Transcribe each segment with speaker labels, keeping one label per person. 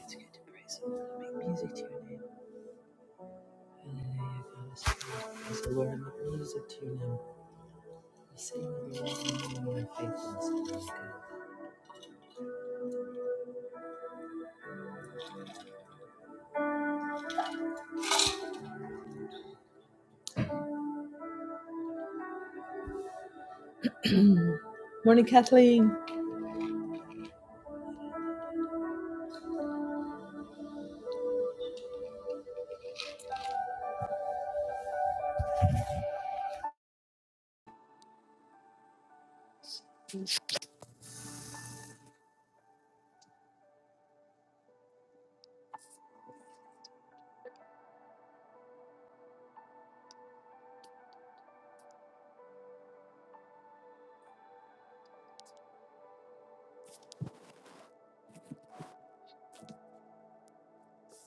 Speaker 1: It's good to praise Him. Make music to your name. Hallelujah, God is good. Praise the Lord make music to your name. We Sing of your name and your faithfulness. Morning, Kathleen.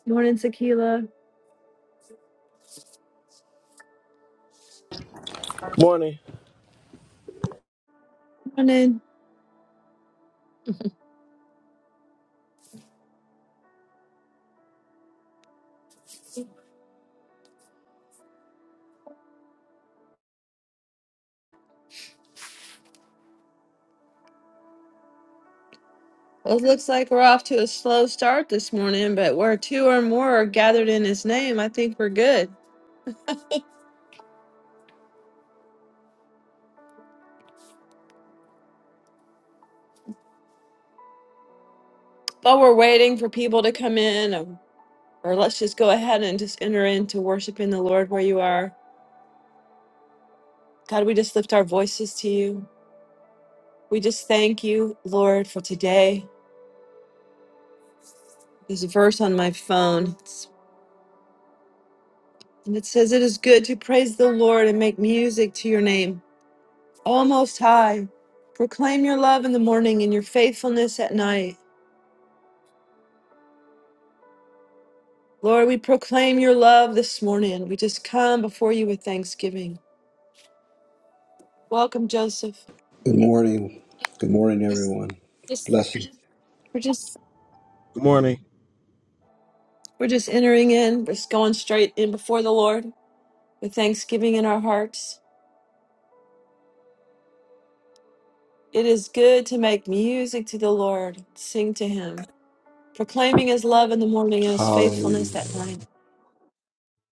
Speaker 1: Morning, Tequila.
Speaker 2: Good morning.
Speaker 1: Morning. Well, it looks like we're off to a slow start this morning, but where two or more are gathered in his name, I think we're good. While we're waiting for people to come in, um, or let's just go ahead and just enter into worshiping the Lord where you are. God, we just lift our voices to you. We just thank you, Lord, for today. There's a verse on my phone. It's, and it says, It is good to praise the Lord and make music to your name. O Most High, proclaim your love in the morning and your faithfulness at night. Lord, we proclaim your love this morning. We just come before you with thanksgiving. Welcome, Joseph.
Speaker 3: Good morning. Good morning, everyone.
Speaker 1: Just
Speaker 3: Blessings.
Speaker 1: we're just
Speaker 2: Good morning.
Speaker 1: we're just entering in, We're just going straight in before the Lord with thanksgiving in our hearts. It is good to make music to the Lord, sing to him, proclaiming his love in the morning and his
Speaker 3: Hallelujah.
Speaker 1: faithfulness at night.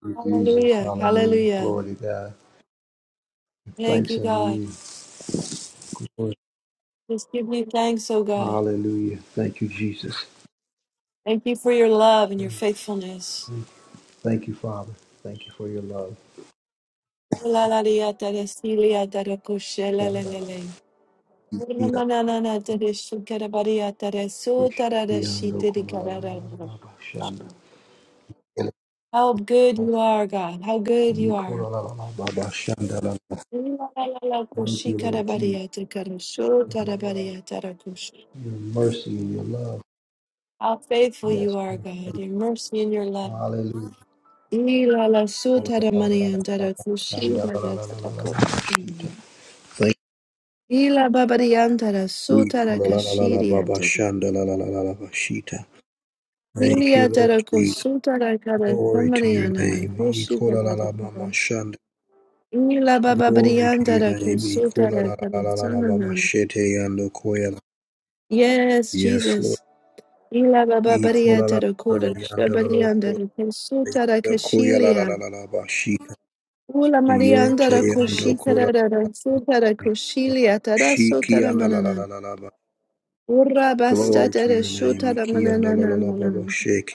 Speaker 3: Thank Jesus.
Speaker 1: Hallelujah.
Speaker 3: Hallelujah.
Speaker 1: Hallelujah.
Speaker 3: Glory to God.
Speaker 1: Thank
Speaker 3: Thanks
Speaker 1: you,
Speaker 3: unto
Speaker 1: God.
Speaker 3: you. Lord.
Speaker 1: Just give me thanks, oh God.
Speaker 3: Hallelujah. Thank you, Jesus.
Speaker 1: Thank you for your love and your faithfulness.
Speaker 3: Thank you, Father. Thank you for your love.
Speaker 1: How
Speaker 3: Shandalala. Yandokolalalalababa. Shanda.
Speaker 1: good you are, God. How good you are.
Speaker 3: Yikolalalalalababa. Shandalala.
Speaker 1: How
Speaker 3: Thank you, Lord Jesus, for your love, your mercy, and your love.
Speaker 1: faithful
Speaker 3: Yes,
Speaker 1: you are, God.
Speaker 3: Lord.
Speaker 1: Your mercy and your love.
Speaker 3: Hallelujah.
Speaker 1: Ila la
Speaker 3: Thank
Speaker 1: suta da manianta da kushida da tatako. Ila babadianta da
Speaker 3: you.
Speaker 1: suta da kashiria da.
Speaker 3: Kolalalalalababashandalalalalabashita. Thank you,
Speaker 1: Ilia da
Speaker 3: Lord
Speaker 1: da
Speaker 3: Jesus.
Speaker 1: kusuta da kada
Speaker 3: Glory to your
Speaker 1: samariana na
Speaker 3: name.
Speaker 1: kushida
Speaker 3: Ikola
Speaker 1: da
Speaker 3: la
Speaker 1: da.
Speaker 3: la Ikolalalabamashanda.
Speaker 1: Ila
Speaker 3: Glory to
Speaker 1: babadianta
Speaker 3: your
Speaker 1: da
Speaker 3: name.
Speaker 1: kusuta
Speaker 3: Ikola
Speaker 1: da
Speaker 3: la la la
Speaker 1: kada
Speaker 3: la la
Speaker 1: sanana.
Speaker 3: Ikolalalalababashete yandokoyala.
Speaker 1: Yes,
Speaker 3: Yes, Lord.
Speaker 1: Jesus. Ila
Speaker 3: Ikola
Speaker 1: babadianta
Speaker 3: la
Speaker 1: da
Speaker 3: la la
Speaker 1: kuda
Speaker 3: yando la la
Speaker 1: shabarianta
Speaker 3: koya yando koya
Speaker 1: da kusuta da
Speaker 3: la
Speaker 1: kashilia.
Speaker 3: Ikolalalalalayandalaloko- yandokoyalalalabashita.
Speaker 1: Ula marianta
Speaker 3: Yete
Speaker 1: da kushita da
Speaker 3: yandokola-
Speaker 1: da da suta da kushilia da da
Speaker 3: Shiki
Speaker 1: suta da
Speaker 3: yanda la la la la la
Speaker 1: Urabasta
Speaker 3: Glory to
Speaker 1: de
Speaker 3: your name.
Speaker 1: Shutada
Speaker 3: Iki and la la la baba
Speaker 1: Mananana.
Speaker 3: shake.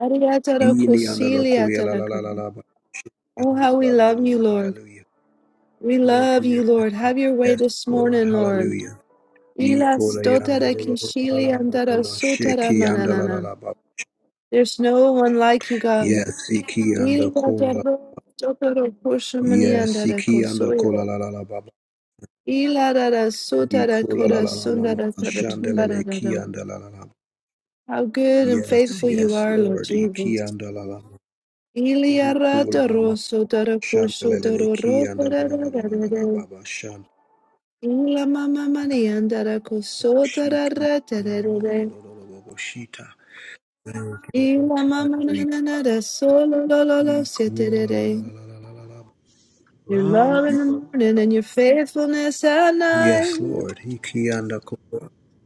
Speaker 1: Ariatara
Speaker 3: Ini and la
Speaker 1: Kosilia
Speaker 3: koya la la la la
Speaker 1: Tanakam.
Speaker 3: la. ba.
Speaker 1: Oh,
Speaker 3: We
Speaker 1: how we
Speaker 3: love you,
Speaker 1: love you,
Speaker 3: Lord.
Speaker 1: Lord.
Speaker 3: Hallelujah.
Speaker 1: We
Speaker 3: Glory
Speaker 1: love
Speaker 3: to you.
Speaker 1: you, Lord. Have your way
Speaker 3: Yes,
Speaker 1: this
Speaker 3: Lord.
Speaker 1: morning, Lord.
Speaker 3: Hallelujah. Iko
Speaker 1: Ilas
Speaker 3: la yanda
Speaker 1: dotada
Speaker 3: la la la
Speaker 1: kishili
Speaker 3: la la
Speaker 1: andara
Speaker 3: baba shake.
Speaker 1: sutara
Speaker 3: Yanda la la
Speaker 1: mananana.
Speaker 3: la baba.
Speaker 1: There's no one like you, God.
Speaker 3: Yes, iki and the kola la.
Speaker 1: Iliatara sotoro kushamani
Speaker 3: Yes,
Speaker 1: andara
Speaker 3: iki and the kola
Speaker 1: kosoyo.
Speaker 3: la la la baba.
Speaker 1: Ilarara sutara
Speaker 3: Iko la la
Speaker 1: kora
Speaker 3: la la mama.
Speaker 1: sundara tara
Speaker 3: Shandelele ki
Speaker 1: sumbaradadam.
Speaker 3: and la la la.
Speaker 1: How good and
Speaker 3: Yes,
Speaker 1: faithful you
Speaker 3: yes,
Speaker 1: are, Lord
Speaker 3: Lord. Iki
Speaker 1: Jesus.
Speaker 3: and la la. Iko
Speaker 1: Iliarata
Speaker 3: la. la.
Speaker 1: rosso, Iliara toroso taracoso tororo tararararare. Ila mama maniandara coso tarara tararare. Ila mama nananara solo lololo sieterere. Your love
Speaker 2: Rama
Speaker 1: in the
Speaker 2: Rama
Speaker 1: morning and your faithfulness at night.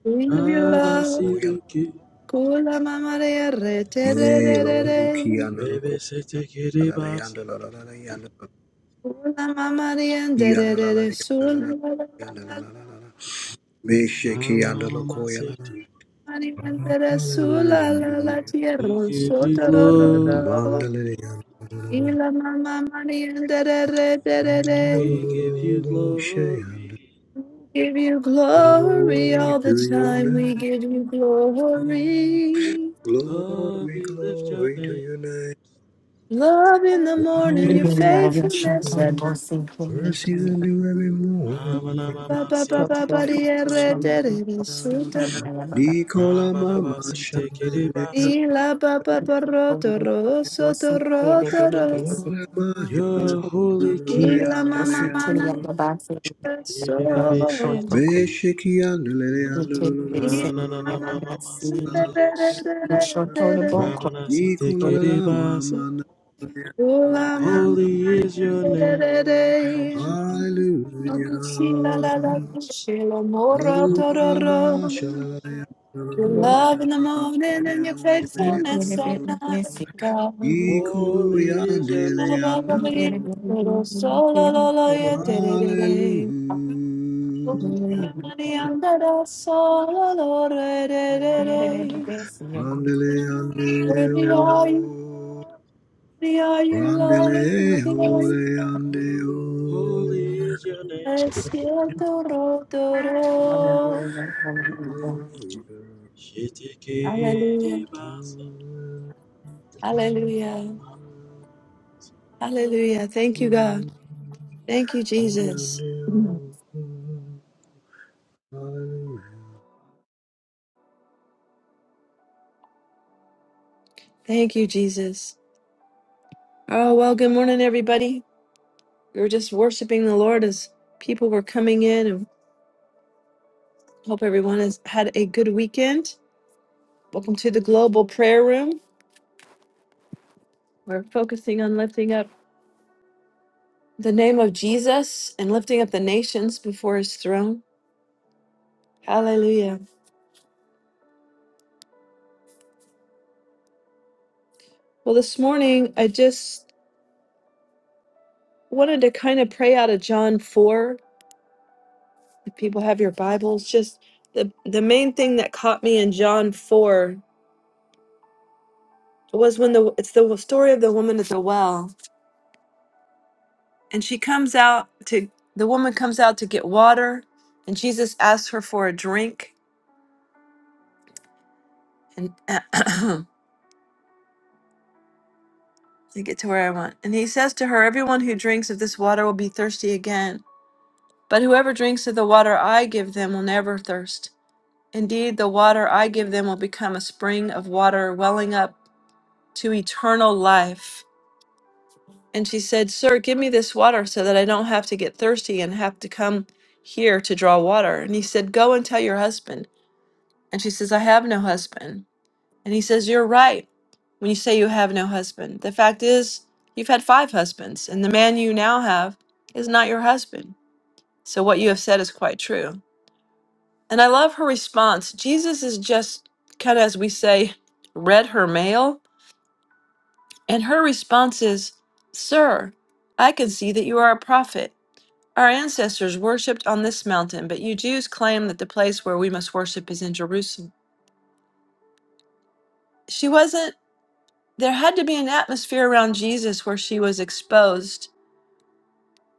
Speaker 1: Sing of your
Speaker 2: Rama
Speaker 1: love.
Speaker 2: Siddiqui,
Speaker 1: Kula mama rea re tererere.
Speaker 2: baby Siddiqui Basa,
Speaker 1: Kula mama riandere sula
Speaker 2: Rama Rama Siddiqui.
Speaker 1: Mariandara sola la la
Speaker 2: We
Speaker 1: tierra
Speaker 2: give you glory,
Speaker 1: sotorororo. Y la mamá Mariandara re de re
Speaker 3: Glory to
Speaker 1: re.
Speaker 2: we give you glory.
Speaker 1: Give you glory all the
Speaker 3: your
Speaker 1: time. We
Speaker 3: name.
Speaker 1: give you glory.
Speaker 2: Lord,
Speaker 3: Glory,
Speaker 2: we lift your
Speaker 3: glory to
Speaker 2: name.
Speaker 3: your name.
Speaker 1: Love in the
Speaker 2: Rama
Speaker 1: morning, your
Speaker 3: Merciful.
Speaker 4: Hallelujah.
Speaker 1: faithfulness at
Speaker 4: Yashatan
Speaker 1: night.
Speaker 4: Bosi
Speaker 3: Mercies
Speaker 4: Kimishan
Speaker 3: are new every morning.
Speaker 2: Rama
Speaker 1: Ula Ba
Speaker 2: Rama
Speaker 1: ba ba ba
Speaker 4: Togo
Speaker 1: ba
Speaker 2: Siddiqui,
Speaker 1: de re
Speaker 4: Shan
Speaker 1: de re re
Speaker 4: Bosi Fan
Speaker 1: sotoro.
Speaker 4: Ayababa
Speaker 3: Nicola
Speaker 2: Rama Rama
Speaker 3: Mama
Speaker 2: Siddiqui
Speaker 3: Shandalea.
Speaker 2: Basa.
Speaker 1: Y la ba ba ba ro toro
Speaker 4: Bosi
Speaker 1: sotoro
Speaker 4: Baby Baby
Speaker 1: toro.
Speaker 4: Basi
Speaker 3: Ola Mahana.
Speaker 2: You're holy
Speaker 3: Andele,
Speaker 2: king,
Speaker 1: Ila mama
Speaker 4: Bosi
Speaker 1: mana
Speaker 4: Tilia Babasi
Speaker 1: so.
Speaker 2: baby
Speaker 4: Baba
Speaker 2: baby
Speaker 4: Totoko
Speaker 2: Siddiqui.
Speaker 3: Beshiki andele,
Speaker 4: Tili Basi
Speaker 2: Rama Rama
Speaker 1: Ila mama
Speaker 2: Rama
Speaker 4: Yababasi
Speaker 2: Siddiqui,
Speaker 4: Yashoto the
Speaker 2: Rama
Speaker 4: Boko
Speaker 2: Siddiqui
Speaker 3: Ikunalala
Speaker 2: Basa.
Speaker 3: mama na- na- na- na-
Speaker 1: Ula
Speaker 3: na-
Speaker 1: mama
Speaker 3: na-
Speaker 2: Holy is your name.
Speaker 3: oh,
Speaker 4: Yoshi
Speaker 3: Hallelujah.
Speaker 1: la la la
Speaker 4: Baby
Speaker 1: kushila mora
Speaker 3: Oh, kwalama
Speaker 1: tororo.
Speaker 3: shalala ya- na- na-
Speaker 1: Your
Speaker 3: na- na- na-
Speaker 1: love
Speaker 3: ya-
Speaker 1: in the morning and your
Speaker 3: na- na-
Speaker 1: faithfulness at
Speaker 3: na-
Speaker 1: night,
Speaker 3: na-
Speaker 1: God.
Speaker 3: Iku
Speaker 2: Holy
Speaker 3: ya
Speaker 2: is your
Speaker 3: ndele
Speaker 1: Ba,
Speaker 2: name.
Speaker 3: ya
Speaker 1: ba, ba,
Speaker 3: ndo.
Speaker 1: ba, dee, little solo, lo, lo, yeah, de de. da, da. Holy
Speaker 4: Basi
Speaker 3: Hallelujah.
Speaker 1: Mandara Solo re re re
Speaker 4: Hallelujah,
Speaker 1: re.
Speaker 3: Randele ande o,
Speaker 1: Worthy are you, worthy are you,
Speaker 3: randele
Speaker 1: Lord, worthy are
Speaker 3: ole
Speaker 1: you, Lord.
Speaker 3: ande o.
Speaker 2: Holy is your name.
Speaker 1: Es cierto, ro. do, ro.
Speaker 3: Good
Speaker 4: hallelujah.
Speaker 1: Hallelujah,
Speaker 2: Shitikidibasa.
Speaker 1: hallelujah, hallelujah. Thank you, God. Thank you, Jesus. Thank you, Jesus. Oh, well, good morning, everybody. We were just worshiping the Lord as people were coming in, and hope everyone has had a good weekend. Welcome to the Global Prayer Room. We're focusing on lifting up the name of Jesus and lifting up the nations before his throne. Hallelujah. Well, this morning, I just wanted to kind of pray out of John 4. If people have your Bibles, just the, the main thing that caught me in John 4 was when the it's the story of the woman at the well and she comes out to the woman comes out to get water and Jesus asks her for a drink and to get to where I want. And he says to her, Everyone who drinks of this water will be thirsty again, but whoever drinks of the water I give them will never thirst. Indeed, the water I give them will become a spring of water welling up to eternal life. And she said, Sir, give me this water so that I don't have to get thirsty and have to come here to draw water. And he said, Go and tell your husband. And she says, I have no husband. And he says, You're right when you say you have no husband. The fact is, you've had five husbands, and the man you now have is not your husband. So what you have said is quite true. And I love her response. Jesus is just kind of, as we say, read her mail. And her response is, Sir, I can see that you are a prophet. Our ancestors worshipped on this mountain, but you Jews claim that the place where we must worship is in Jerusalem. She wasn't there had to be an atmosphere around Jesus where she was exposed.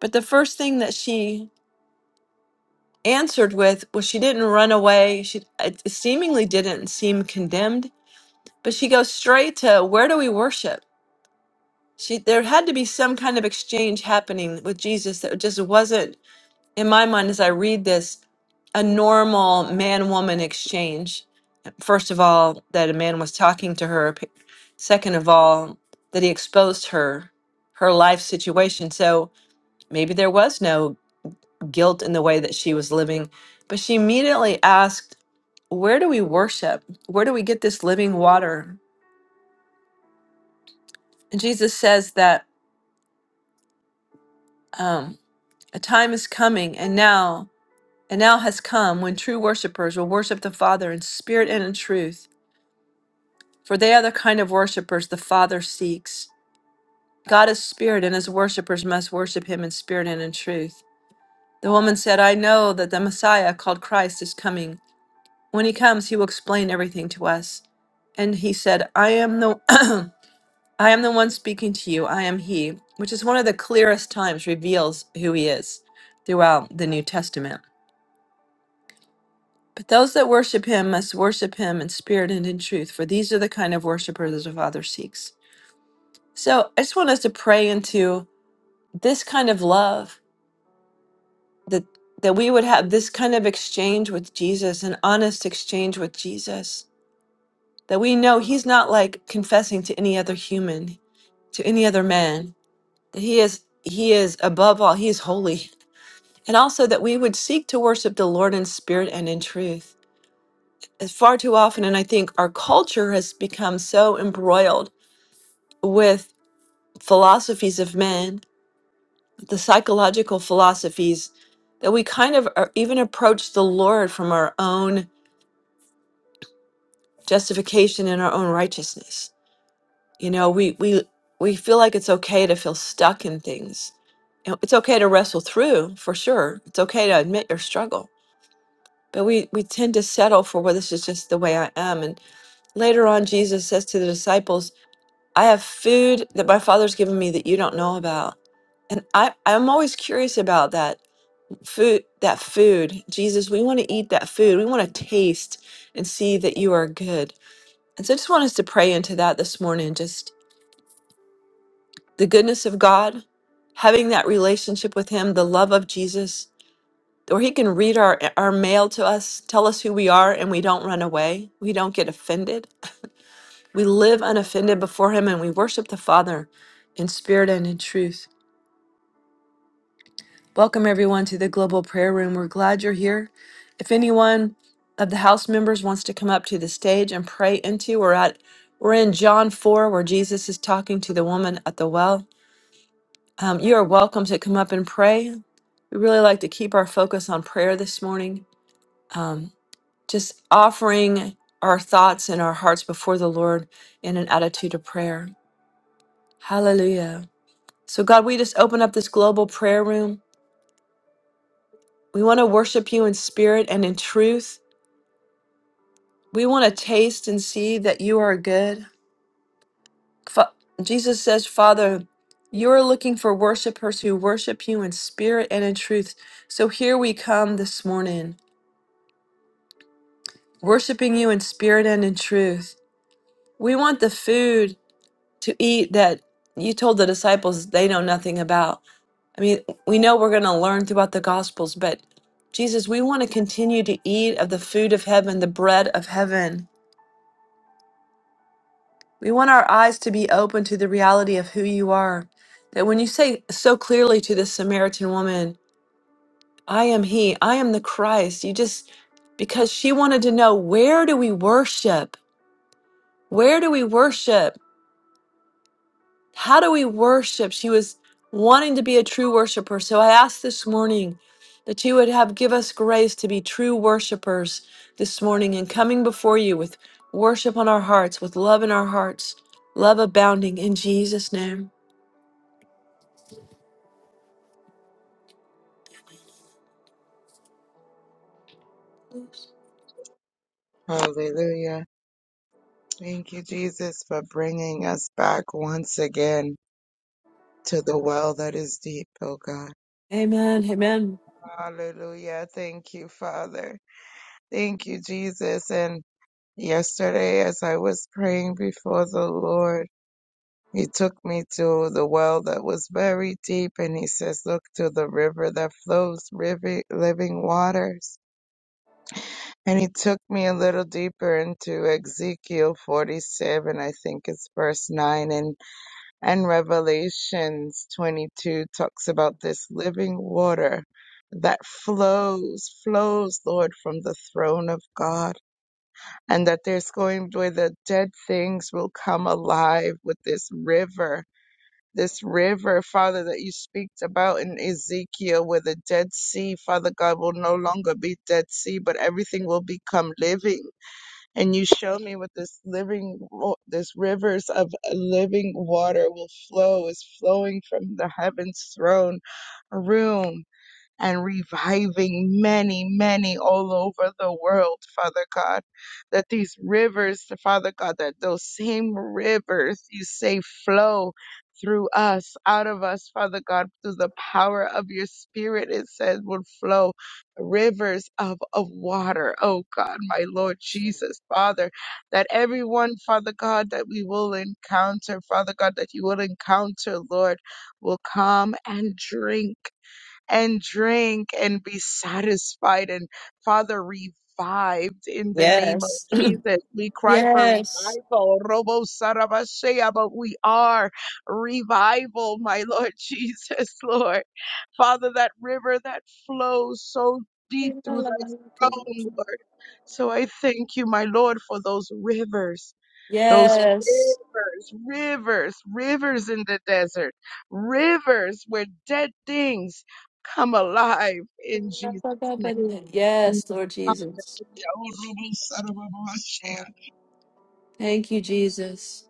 Speaker 1: But the first thing that she answered with was she didn't run away. She it seemingly didn't seem condemned, but she goes straight to where do we worship? She there had to be some kind of exchange happening with Jesus that just wasn't in my mind as I read this a normal man woman exchange first of all, that a man was talking to her. p- Second of all, that he exposed her, her life situation. So maybe there was no guilt in the way that she was living. But she immediately asked, Where do we worship? Where do we get this living water? And Jesus says that um, a time is coming and now. And now has come when true worshipers will worship the Father in spirit and in truth, for they are the kind of worshipers the Father seeks. God is spirit, and his worshippers must worship him in spirit and in truth. The woman said, I know that the Messiah called Christ is coming. When he comes, he will explain everything to us. And he said, I am the I am the one speaking to you. I am he, which is one of the clearest times reveals who he is throughout the New Testament. But those that worship him must worship him in spirit and in truth, for these are the kind of worshipers the Father seeks. So I just want us to pray into this kind of love that that we would have this kind of exchange with Jesus, an honest exchange with Jesus, that we know he's not like confessing to any other human, to any other man, that he is he is above all, he is holy. And also that we would seek to worship the Lord in spirit and in truth. As far too often, and I think our culture has become so embroiled with philosophies of men, the psychological philosophies, that we kind of are, even approach the Lord from our own justification in our own righteousness. You know, we we we feel like it's okay to feel stuck in things. And It's okay to wrestle through, for sure. It's okay to admit your struggle. But we we tend to settle for well, this is just the way I am. And later on Jesus says to the disciples, I have food that my father's given me that you don't know about. And I, I'm always curious about that food that food. Jesus, we want to eat that food. We want to taste and see that you are good And so I just want us to pray into that this morning. Just the goodness of God, having that relationship with Him, the love of Jesus, where He can read our, our mail to us, tell us who we are, and we don't run away. We don't get offended. We live unoffended before Him and we worship the Father in spirit and in truth. Welcome, everyone, to the Global Prayer Room. We're glad you're here. If anyone of the house members wants to come up to the stage and pray into, we're at we're in John 4, where Jesus is talking to the woman at the well. Um, you are welcome to come up and pray. We really like to keep our focus on prayer this morning, um, just offering our thoughts and our hearts before the Lord in an attitude of prayer. Hallelujah. So, God, we just open up this global prayer room. We want to worship you in spirit and in truth. We want to taste and see that you are good. Fa- Jesus says, Father, you are looking for worshipers who worship you in spirit and in truth. So here we come this morning. worshiping you in spirit and in truth. We want the food to eat that you told the disciples they know nothing about. I mean, we know we're going to learn throughout the Gospels, but Jesus, we want to continue to eat of the food of heaven, the bread of heaven. We want our eyes to be open to the reality of who you are. That when you say so clearly to this Samaritan woman, I am He, I am the Christ, you just, because she wanted to know, where do we worship? Where do we worship? How do we worship? She was wanting to be a true worshiper. So I asked this morning that you would have give us grace to be true worshipers this morning and coming before you with worship on our hearts, with love in our hearts, love abounding in Jesus' name.
Speaker 5: Hallelujah. Thank you, Jesus, for bringing us back once again to the well that is deep, oh God.
Speaker 1: Amen. Amen.
Speaker 5: Hallelujah. Thank you, Father. Thank you, Jesus. And yesterday, as I was praying before the Lord, he took me to the well that was very deep, and he says, Look to the river that flows rivi- living waters. And he took me a little deeper into Ezekiel 47, I think it's verse 9. and And Revelations 22 talks about this living water that flows, flows, Lord, from the throne of God. And that there's going where the dead things will come alive with this river. This river, Father, that you speak about in Ezekiel, where the Dead Sea, Father God, will no longer be Dead Sea, but everything will become living and you showed me what this living ro- this rivers of living water will flow is flowing from the heavens throne room and reviving many, many all over the world, Father God. That these rivers, Father God, that those same rivers you say flow through us, out of us, Father God, through the power of your spirit, it says would flow rivers of, of water. Oh God, my Lord Jesus, Father, that everyone, Father God, that we will encounter, Father God, that you will encounter, Lord, will come and drink and drink and be satisfied and Father revived in the name of
Speaker 1: Yes.
Speaker 5: Jesus. We cry for
Speaker 1: Yes.
Speaker 5: revival, Robo Sarabashea, but we are revival, my Lord Jesus, Lord. Father, that river that flows so deep through
Speaker 1: Yes.
Speaker 5: thy throne, Lord. So I thank you, my Lord, for those rivers those rivers, rivers, rivers in the desert, rivers where dead things come alive in Jesus' name.
Speaker 1: Yes, Lord Jesus. Thank you, Jesus.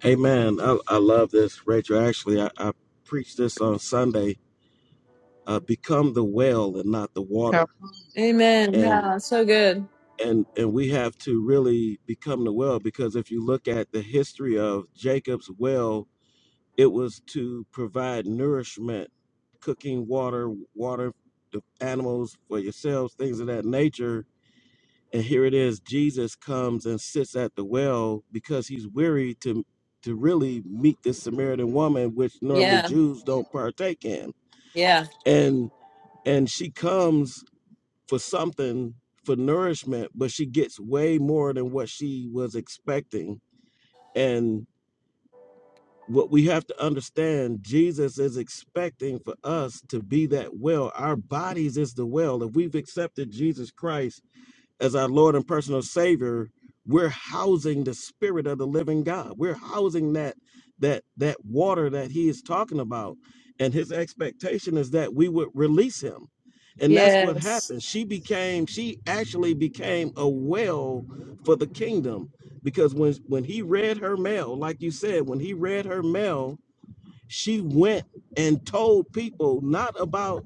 Speaker 2: Hey I, I love this, Rachel. Actually, I, I preached this on Sunday. Uh, become the well and not the water,
Speaker 1: Amen.
Speaker 2: and
Speaker 1: Yeah, so good.
Speaker 2: and and we have to really become the well because if you look at the history of Jacob's well It was to provide nourishment, cooking water, water the animals for yourselves, things of that nature. And here it is, Jesus comes and sits at the well because he's weary to to really meet this Samaritan woman, which normally
Speaker 1: Yeah.
Speaker 2: Jews don't partake in.
Speaker 1: Yeah.
Speaker 2: And and she comes for something for nourishment, but she gets way more than what she was expecting. And what we have to understand jesus is expecting for us to be that well our bodies is the well if we've accepted jesus christ as our Lord and personal Savior, we're housing the Spirit of the Living God. We're housing that that that water that He is talking about, and His expectation is that we would release Him, and that's what
Speaker 1: Yes.
Speaker 2: happened. She became she actually became a well for the kingdom because when when He read her mail, like you said, when He read her mail, she went and told people not about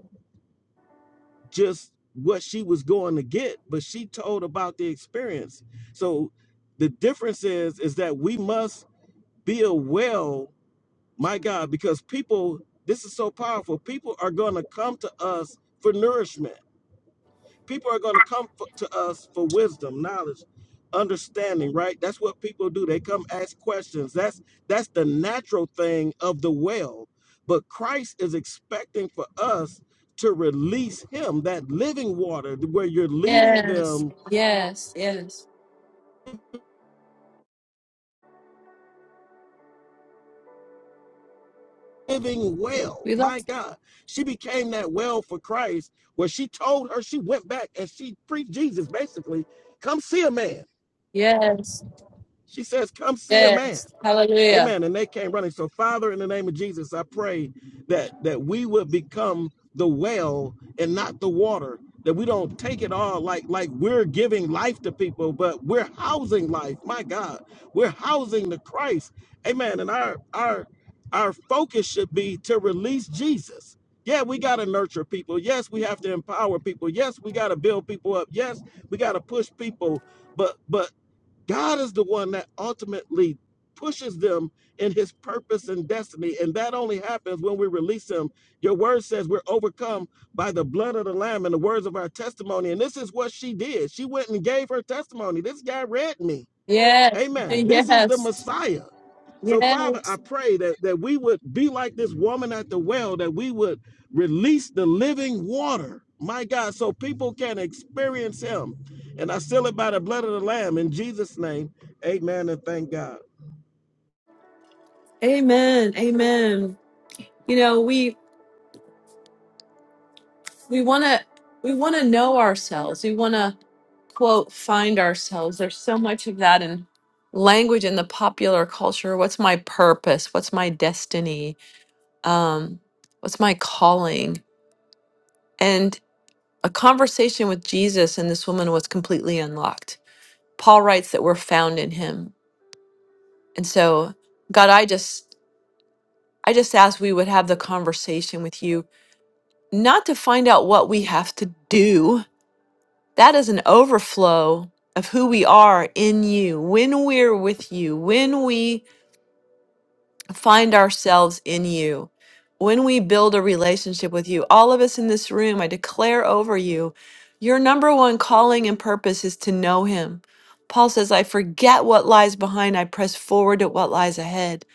Speaker 2: just what she was going to get, but she told about the experience. So the difference is is that we must be a well, my God, because people, this is so powerful. People are going to come to us for nourishment people are going to come for, to us for wisdom knowledge understanding right that's what people do they come ask questions that's that's the natural thing of the well but christ is expecting for us to release him that living water where you're leading
Speaker 1: Yes.
Speaker 2: them
Speaker 1: Yes. Yes.
Speaker 2: living well
Speaker 1: We love
Speaker 2: my god
Speaker 1: you.
Speaker 2: she became that well for christ where she told her she went back and she preached jesus basically come see a man
Speaker 1: Yes.
Speaker 2: she says come see a man
Speaker 1: Yes. Hallelujah.
Speaker 2: Amen. And they came running. So, Father, in the name of Jesus, I pray that that we would become the well and not the water. That we don't take it all like like we're giving life to people, but we're housing life. My God, we're housing the Christ. Amen. And our our our focus should be to release Jesus. Yeah, we got to nurture people. Yes, we have to empower people. Yes, we got to build people up. Yes, we got to push people. But but God is the one that ultimately pushes them in his purpose and destiny. And that only happens when we release him. Your word says we're overcome by the blood of the Lamb and the words of our testimony. And this is what she did. She went and gave her testimony. This guy read me.
Speaker 1: Yes.
Speaker 2: Amen. This is the
Speaker 1: Yes.
Speaker 2: Messiah. So, Father, I
Speaker 1: Yes.
Speaker 2: pray that, that we would be like this woman at the well, that we would release the living water, my God, so people can experience Him. And I seal it by the blood of the Lamb in Jesus' name. Amen and thank God.
Speaker 1: Amen. Amen. You know, we we want to we want to know ourselves. We want to quote find ourselves. There's so much of that in language in the popular culture. What's my purpose? What's my destiny? Um what's my calling? A conversation with Jesus and this woman was completely unlocked. Paul writes that we're found in him. And so, God, I just I just ask we would have the conversation with you, not to find out what we have to do. That is an overflow of who we are in you. When we're with you, when we find ourselves in you. When we build a relationship with you, all of us in this room, I declare over you, your number one calling and purpose is to know him. Paul says, I forget what lies behind, I press forward at what lies ahead.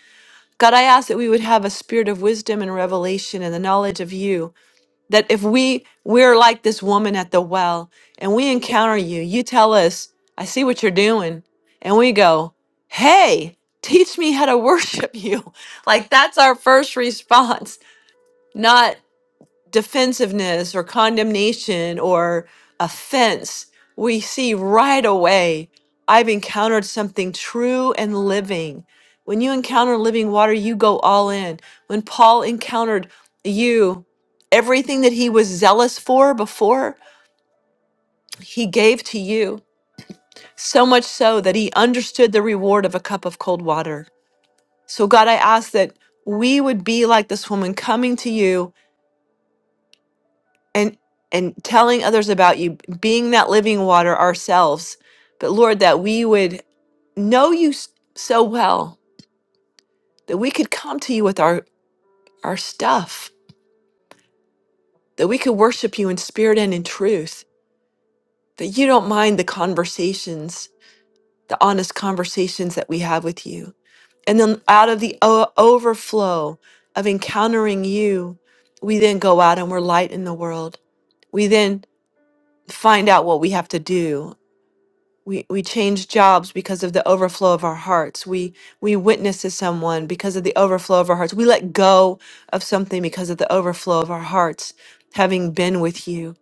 Speaker 1: God, I ask that we would have a spirit of wisdom and revelation and the knowledge of you that if we we're like this woman at the well and we encounter you you tell us i see what you're doing and we go hey teach me how to worship you like that's our first response not defensiveness or condemnation or offense, we see right away, I've encountered something true and living. When you encounter living water, you go all in. When Paul encountered you, everything that he was zealous for before, he gave to you, so much so that he understood the reward of a cup of cold water. So, God, I ask that we would be like this woman coming to you and and telling others about you being that living water ourselves but lord that we would know you s- so well that we could come to you with our our stuff that we could worship you in spirit and in truth that you don't mind the conversations the honest conversations that we have with you and then out of the o- overflow of encountering you we then go out and we're light in the world we then find out what we have to do we we change jobs because of the overflow of our hearts we we witness to someone because of the overflow of our hearts we let go of something because of the overflow of our hearts having been with you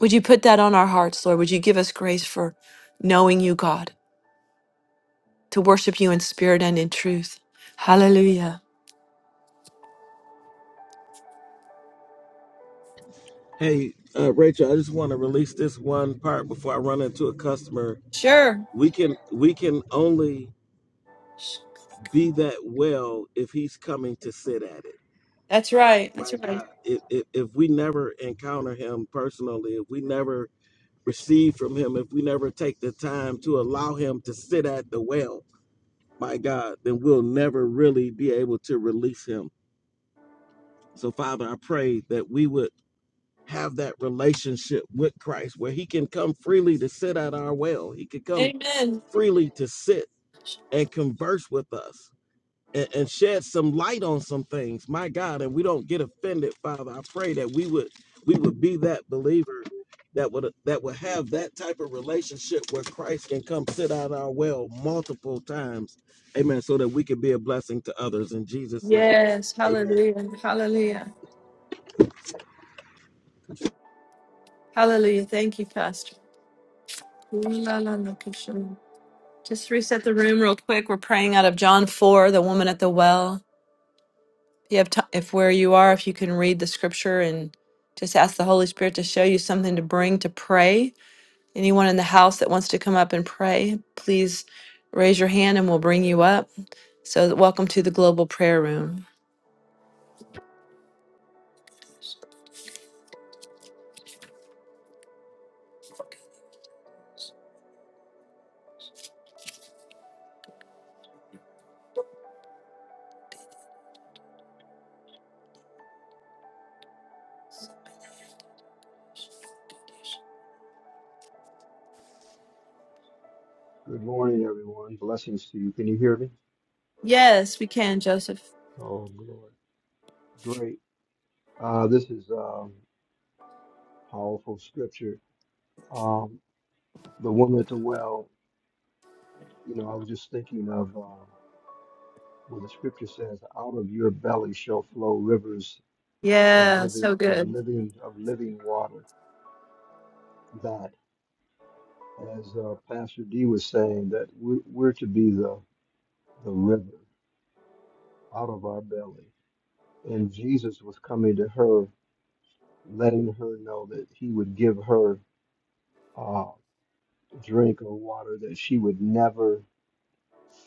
Speaker 1: would you put that on our hearts lord would you give us grace for knowing you god to worship you in spirit and in truth hallelujah
Speaker 2: Hey, uh, Rachel, I just want to release this one part before I run into a customer.
Speaker 1: sure
Speaker 2: We can we can only be that well if He's coming to sit at it.
Speaker 1: that's right that's
Speaker 2: My
Speaker 1: right
Speaker 2: God, if if, if we never encounter Him personally, if we never receive from him, if we never take the time to allow him to sit at the well, my God, then we'll never really be able to release him. So, Father, I pray that we would have that relationship with Christ where he can come freely to sit at our well. He can come
Speaker 1: amen
Speaker 2: freely to sit and converse with us. and, and shed some light on some things. My God, and we don't get offended, Father. I pray that we would we would be that believer that would that would have that type of relationship where Christ can come sit out our well multiple times. Amen. So that we can be a blessing to others in Jesus' name.
Speaker 1: yes
Speaker 2: Amen.
Speaker 1: hallelujah hallelujah hallelujah thank you pastor Just reset the room real quick. We're praying out of John 4, the woman at the well. If you have time, if where you are, if you can read the scripture and just ask the Holy Spirit to show you something to bring to pray. Anyone in the house that wants to come up and pray, please raise your hand and we'll bring you up. So, that- welcome to the global prayer room.
Speaker 3: morning, everyone. Blessings to you. Can you hear me?
Speaker 1: Yes, we can, Joseph.
Speaker 3: Oh, glory. Great. Uh, this is um, powerful scripture. Um, the woman at the well, you know, I was just thinking of um, where the scripture says, out of your belly shall flow rivers of
Speaker 1: Yeah,
Speaker 3: living,
Speaker 1: so
Speaker 3: of
Speaker 1: good.
Speaker 3: living, of living water. That. as uh, Pastor D was saying, that we're, we're to be the, the river out of our belly. And Jesus was coming to her, letting her know that he would give her uh, drink of water that she would never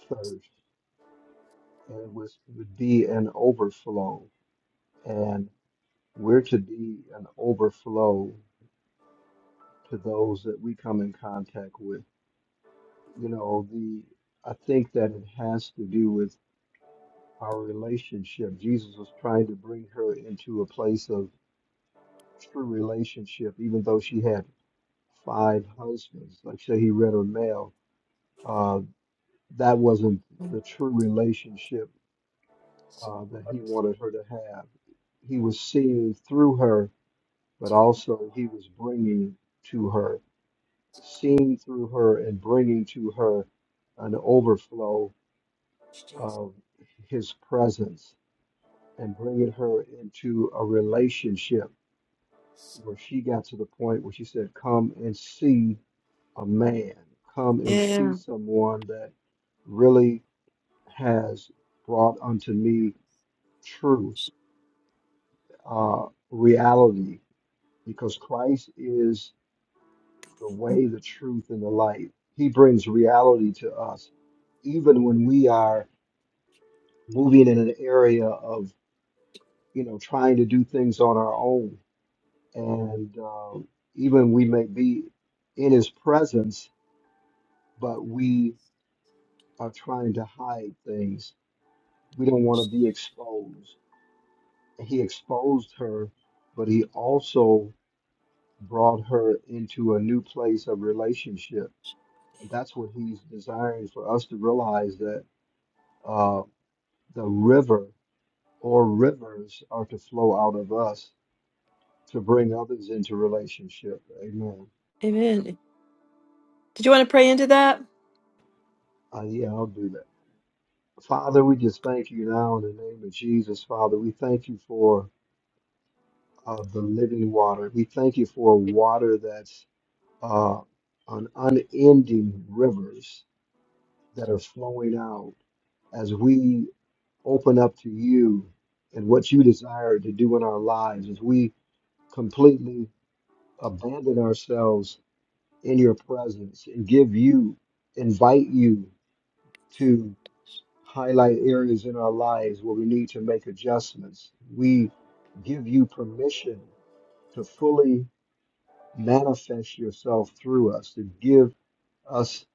Speaker 3: thirst. And it was, would be an overflow. And we're to be an overflow to those that we come in contact with. You know, the I think that it has to do with our relationship. Jesus was trying to bring her into a place of true relationship, even though she had five husbands. Like say he read her mail, uh, that wasn't the true relationship uh, that he wanted her to have. He was seeing through her, but also he was bringing to her, seeing through her and bringing to her an overflow of his presence and bringing her into a relationship where she got to the point where she said, Come and see a man, come and see
Speaker 1: Yeah.
Speaker 3: someone that really has brought unto me truth, uh, reality, because Christ is the way, the truth, and the light. He brings reality to us, even when we are moving in an area of, you know, trying to do things on our own. And uh, even we may be in his presence, but we are trying to hide things. We don't want to be exposed. He exposed her, but he also brought her into a new place of relationship. And that's what he's desiring for us to realize that uh, the river or rivers are to flow out of us to bring others into relationship. Amen.
Speaker 1: Amen. Did you want to pray into that?
Speaker 3: Uh, yeah, I'll do that. Father, we just thank you now in the name of Jesus, Father. We thank you for of the living water. We thank you for water that's uh, an unending rivers that are flowing out as we open up to you and what you desire to do in our lives, as we completely abandon ourselves in your presence and give you, invite you to highlight areas in our lives where we need to make adjustments. We give you permission to fully manifest yourself through us, to give us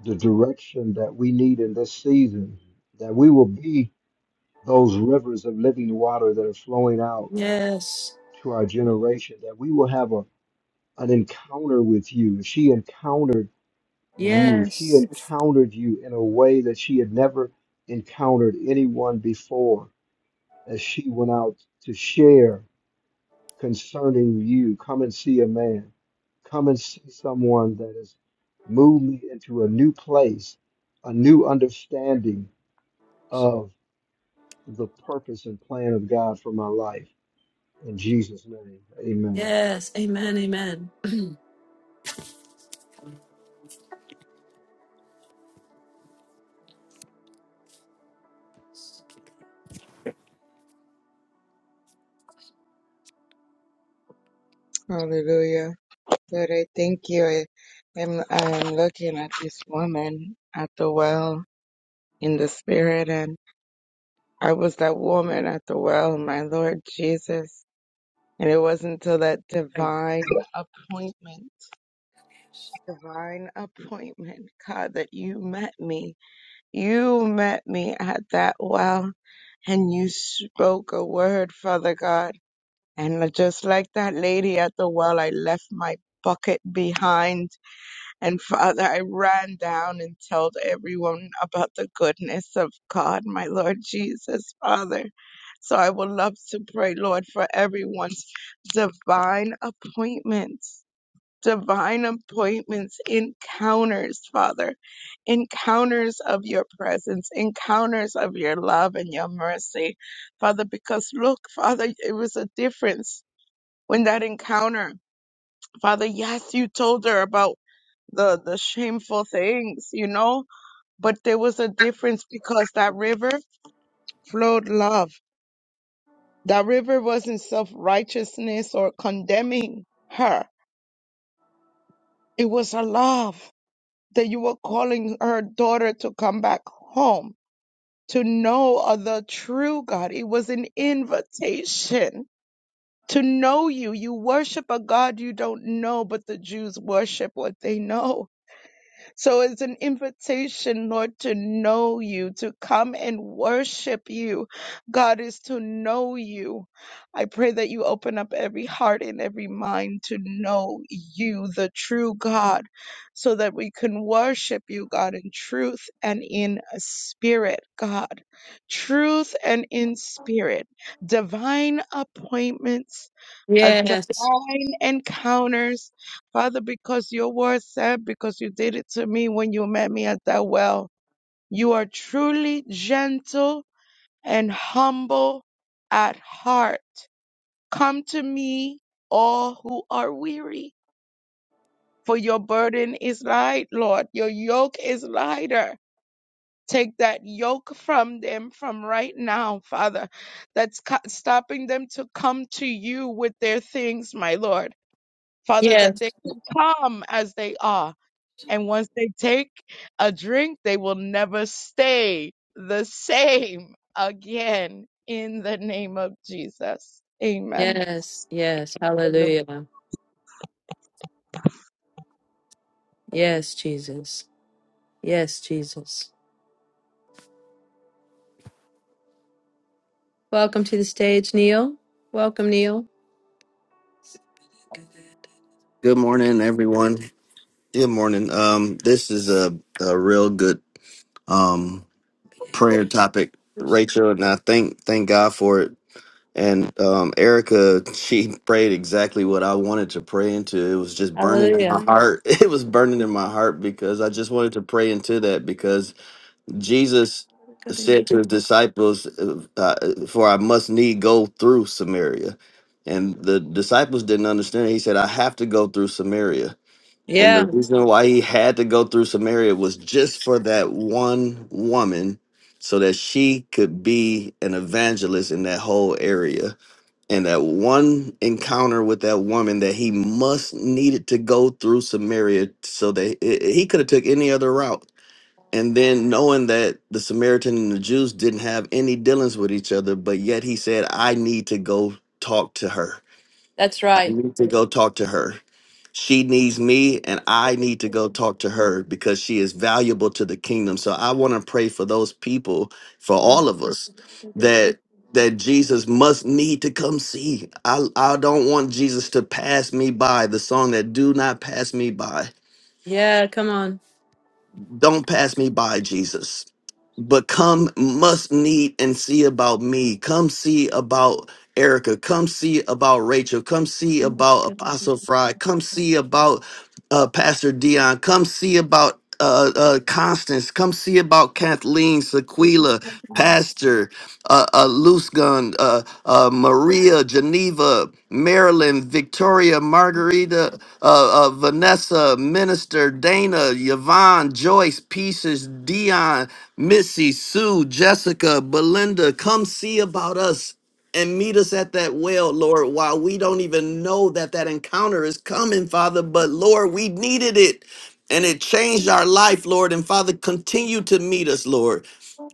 Speaker 3: the direction that we need in this season, that we will be those rivers of living water that are flowing out
Speaker 1: Yes.
Speaker 3: to our generation, that we will have a, an encounter with you. She encountered you. She
Speaker 1: Yes.
Speaker 3: encountered you in a way that she had never encountered anyone before as she went out to share concerning you. Come and see a man. Come and see someone that has moved me into a new place, a new understanding of the purpose and plan of God for my life. In Jesus' name, amen.
Speaker 1: Yes. Amen. Amen.
Speaker 5: Hallelujah. Lord, I thank you. I am I'm looking at this woman at the well in the spirit, and I was that woman at the well, my Lord Jesus. And it wasn't until that divine appointment divine appointment, God, that you met me. You met me at that well and you spoke a word, Father God. And just like that lady at the well, I left my bucket behind. And Father, I ran down and told everyone about the goodness of God, my Lord Jesus, Father. So I would love to pray, Lord, for everyone's divine appointments divine appointments, encounters, Father, encounters of your presence, encounters of your love and your mercy, Father, because look, Father, it was a difference when that encounter, Father, yes, you told her about the, the shameful things, you know, but there was a difference because that river flowed love. That river wasn't self righteousness or condemning her. It was a love. that you were calling her daughter to come back home to know of the true God. It was an invitation to know you. You worship a God you don't know, but the Jews worship what they know. So it's an invitation, Lord, to know you, to come and worship you. God is to know you. I pray that you open up every heart and every mind to know you, the true God, so that we can worship you, God, in truth and in spirit, God. Truth and in spirit. Divine appointments a divine
Speaker 1: Yes.
Speaker 5: encounters, Father, because your word said, because you did it to me when you met me at that well. You are truly gentle and humble at heart. Come to me, all who are weary, for your burden is light, Lord. Your yoke is lighter. Take that yoke from them from right now, Father, that's co- stopping them to come to you with their things, my Lord. Father, that
Speaker 1: Yes.
Speaker 5: they can come as they are. And once they take a drink, they will never stay the same again in the name of Jesus. Amen.
Speaker 1: Yes. Yes.
Speaker 5: Hallelujah.
Speaker 1: Hallelujah. Yes, Jesus. Yes, Jesus. Welcome to the stage, Neil. Welcome, Neil.
Speaker 6: Good morning, everyone. Good morning. Um, this is a, a real good um prayer topic, Rachel, and I thank thank God for it. And um, Erica, she prayed exactly what I wanted to pray into. It was just burning in
Speaker 1: Hallelujah.
Speaker 6: my heart. It was burning in my heart because I just wanted to pray into that because Jesus said to his disciples, uh, uh, "For I must need go through Samaria," and the disciples didn't understand. He said, "I have to go through Samaria." And the
Speaker 1: Yeah,
Speaker 6: reason why he had to go through Samaria was just for that one woman so that she could be an evangelist in that whole area. And that one encounter with that woman that he must needed to go through Samaria so that i- he could have took any other route. And then knowing that the Samaritan and the Jews didn't have any dealings with each other, but yet he said, I need to go talk to her
Speaker 1: that's
Speaker 6: I
Speaker 1: right.
Speaker 6: need to go talk to her. She needs me, and I need to go talk to her because she is valuable to the kingdom. So I want to pray for those people, for all of us, that that Jesus must need to come see. I I don't want Jesus to pass me by. The song that do not pass me by.
Speaker 1: Yeah, come
Speaker 6: Don't pass me by, Jesus. But come, must need and see about me. Come see about Erica. Come see about Rachel. Come see
Speaker 1: on.
Speaker 6: about Apostle Fry. Come see about uh, Pastor Dion. Come see about uh, uh, Constance. Come see about Kathleen, Sequila, Pastor uh, uh, Loose Gun, uh, uh, Maria, Geneva, Marilyn, Victoria, Margarita, uh, uh, Vanessa, Minister, Dana, Yvonne, Joyce, Pieces, Dion, Missy, Sue, Jessica, Belinda, come see about us and meet us at that well, Lord, while we don't even know that that encounter is coming, Father. But Lord, we needed it. And it changed our life, Lord. And Father, continue to meet us, Lord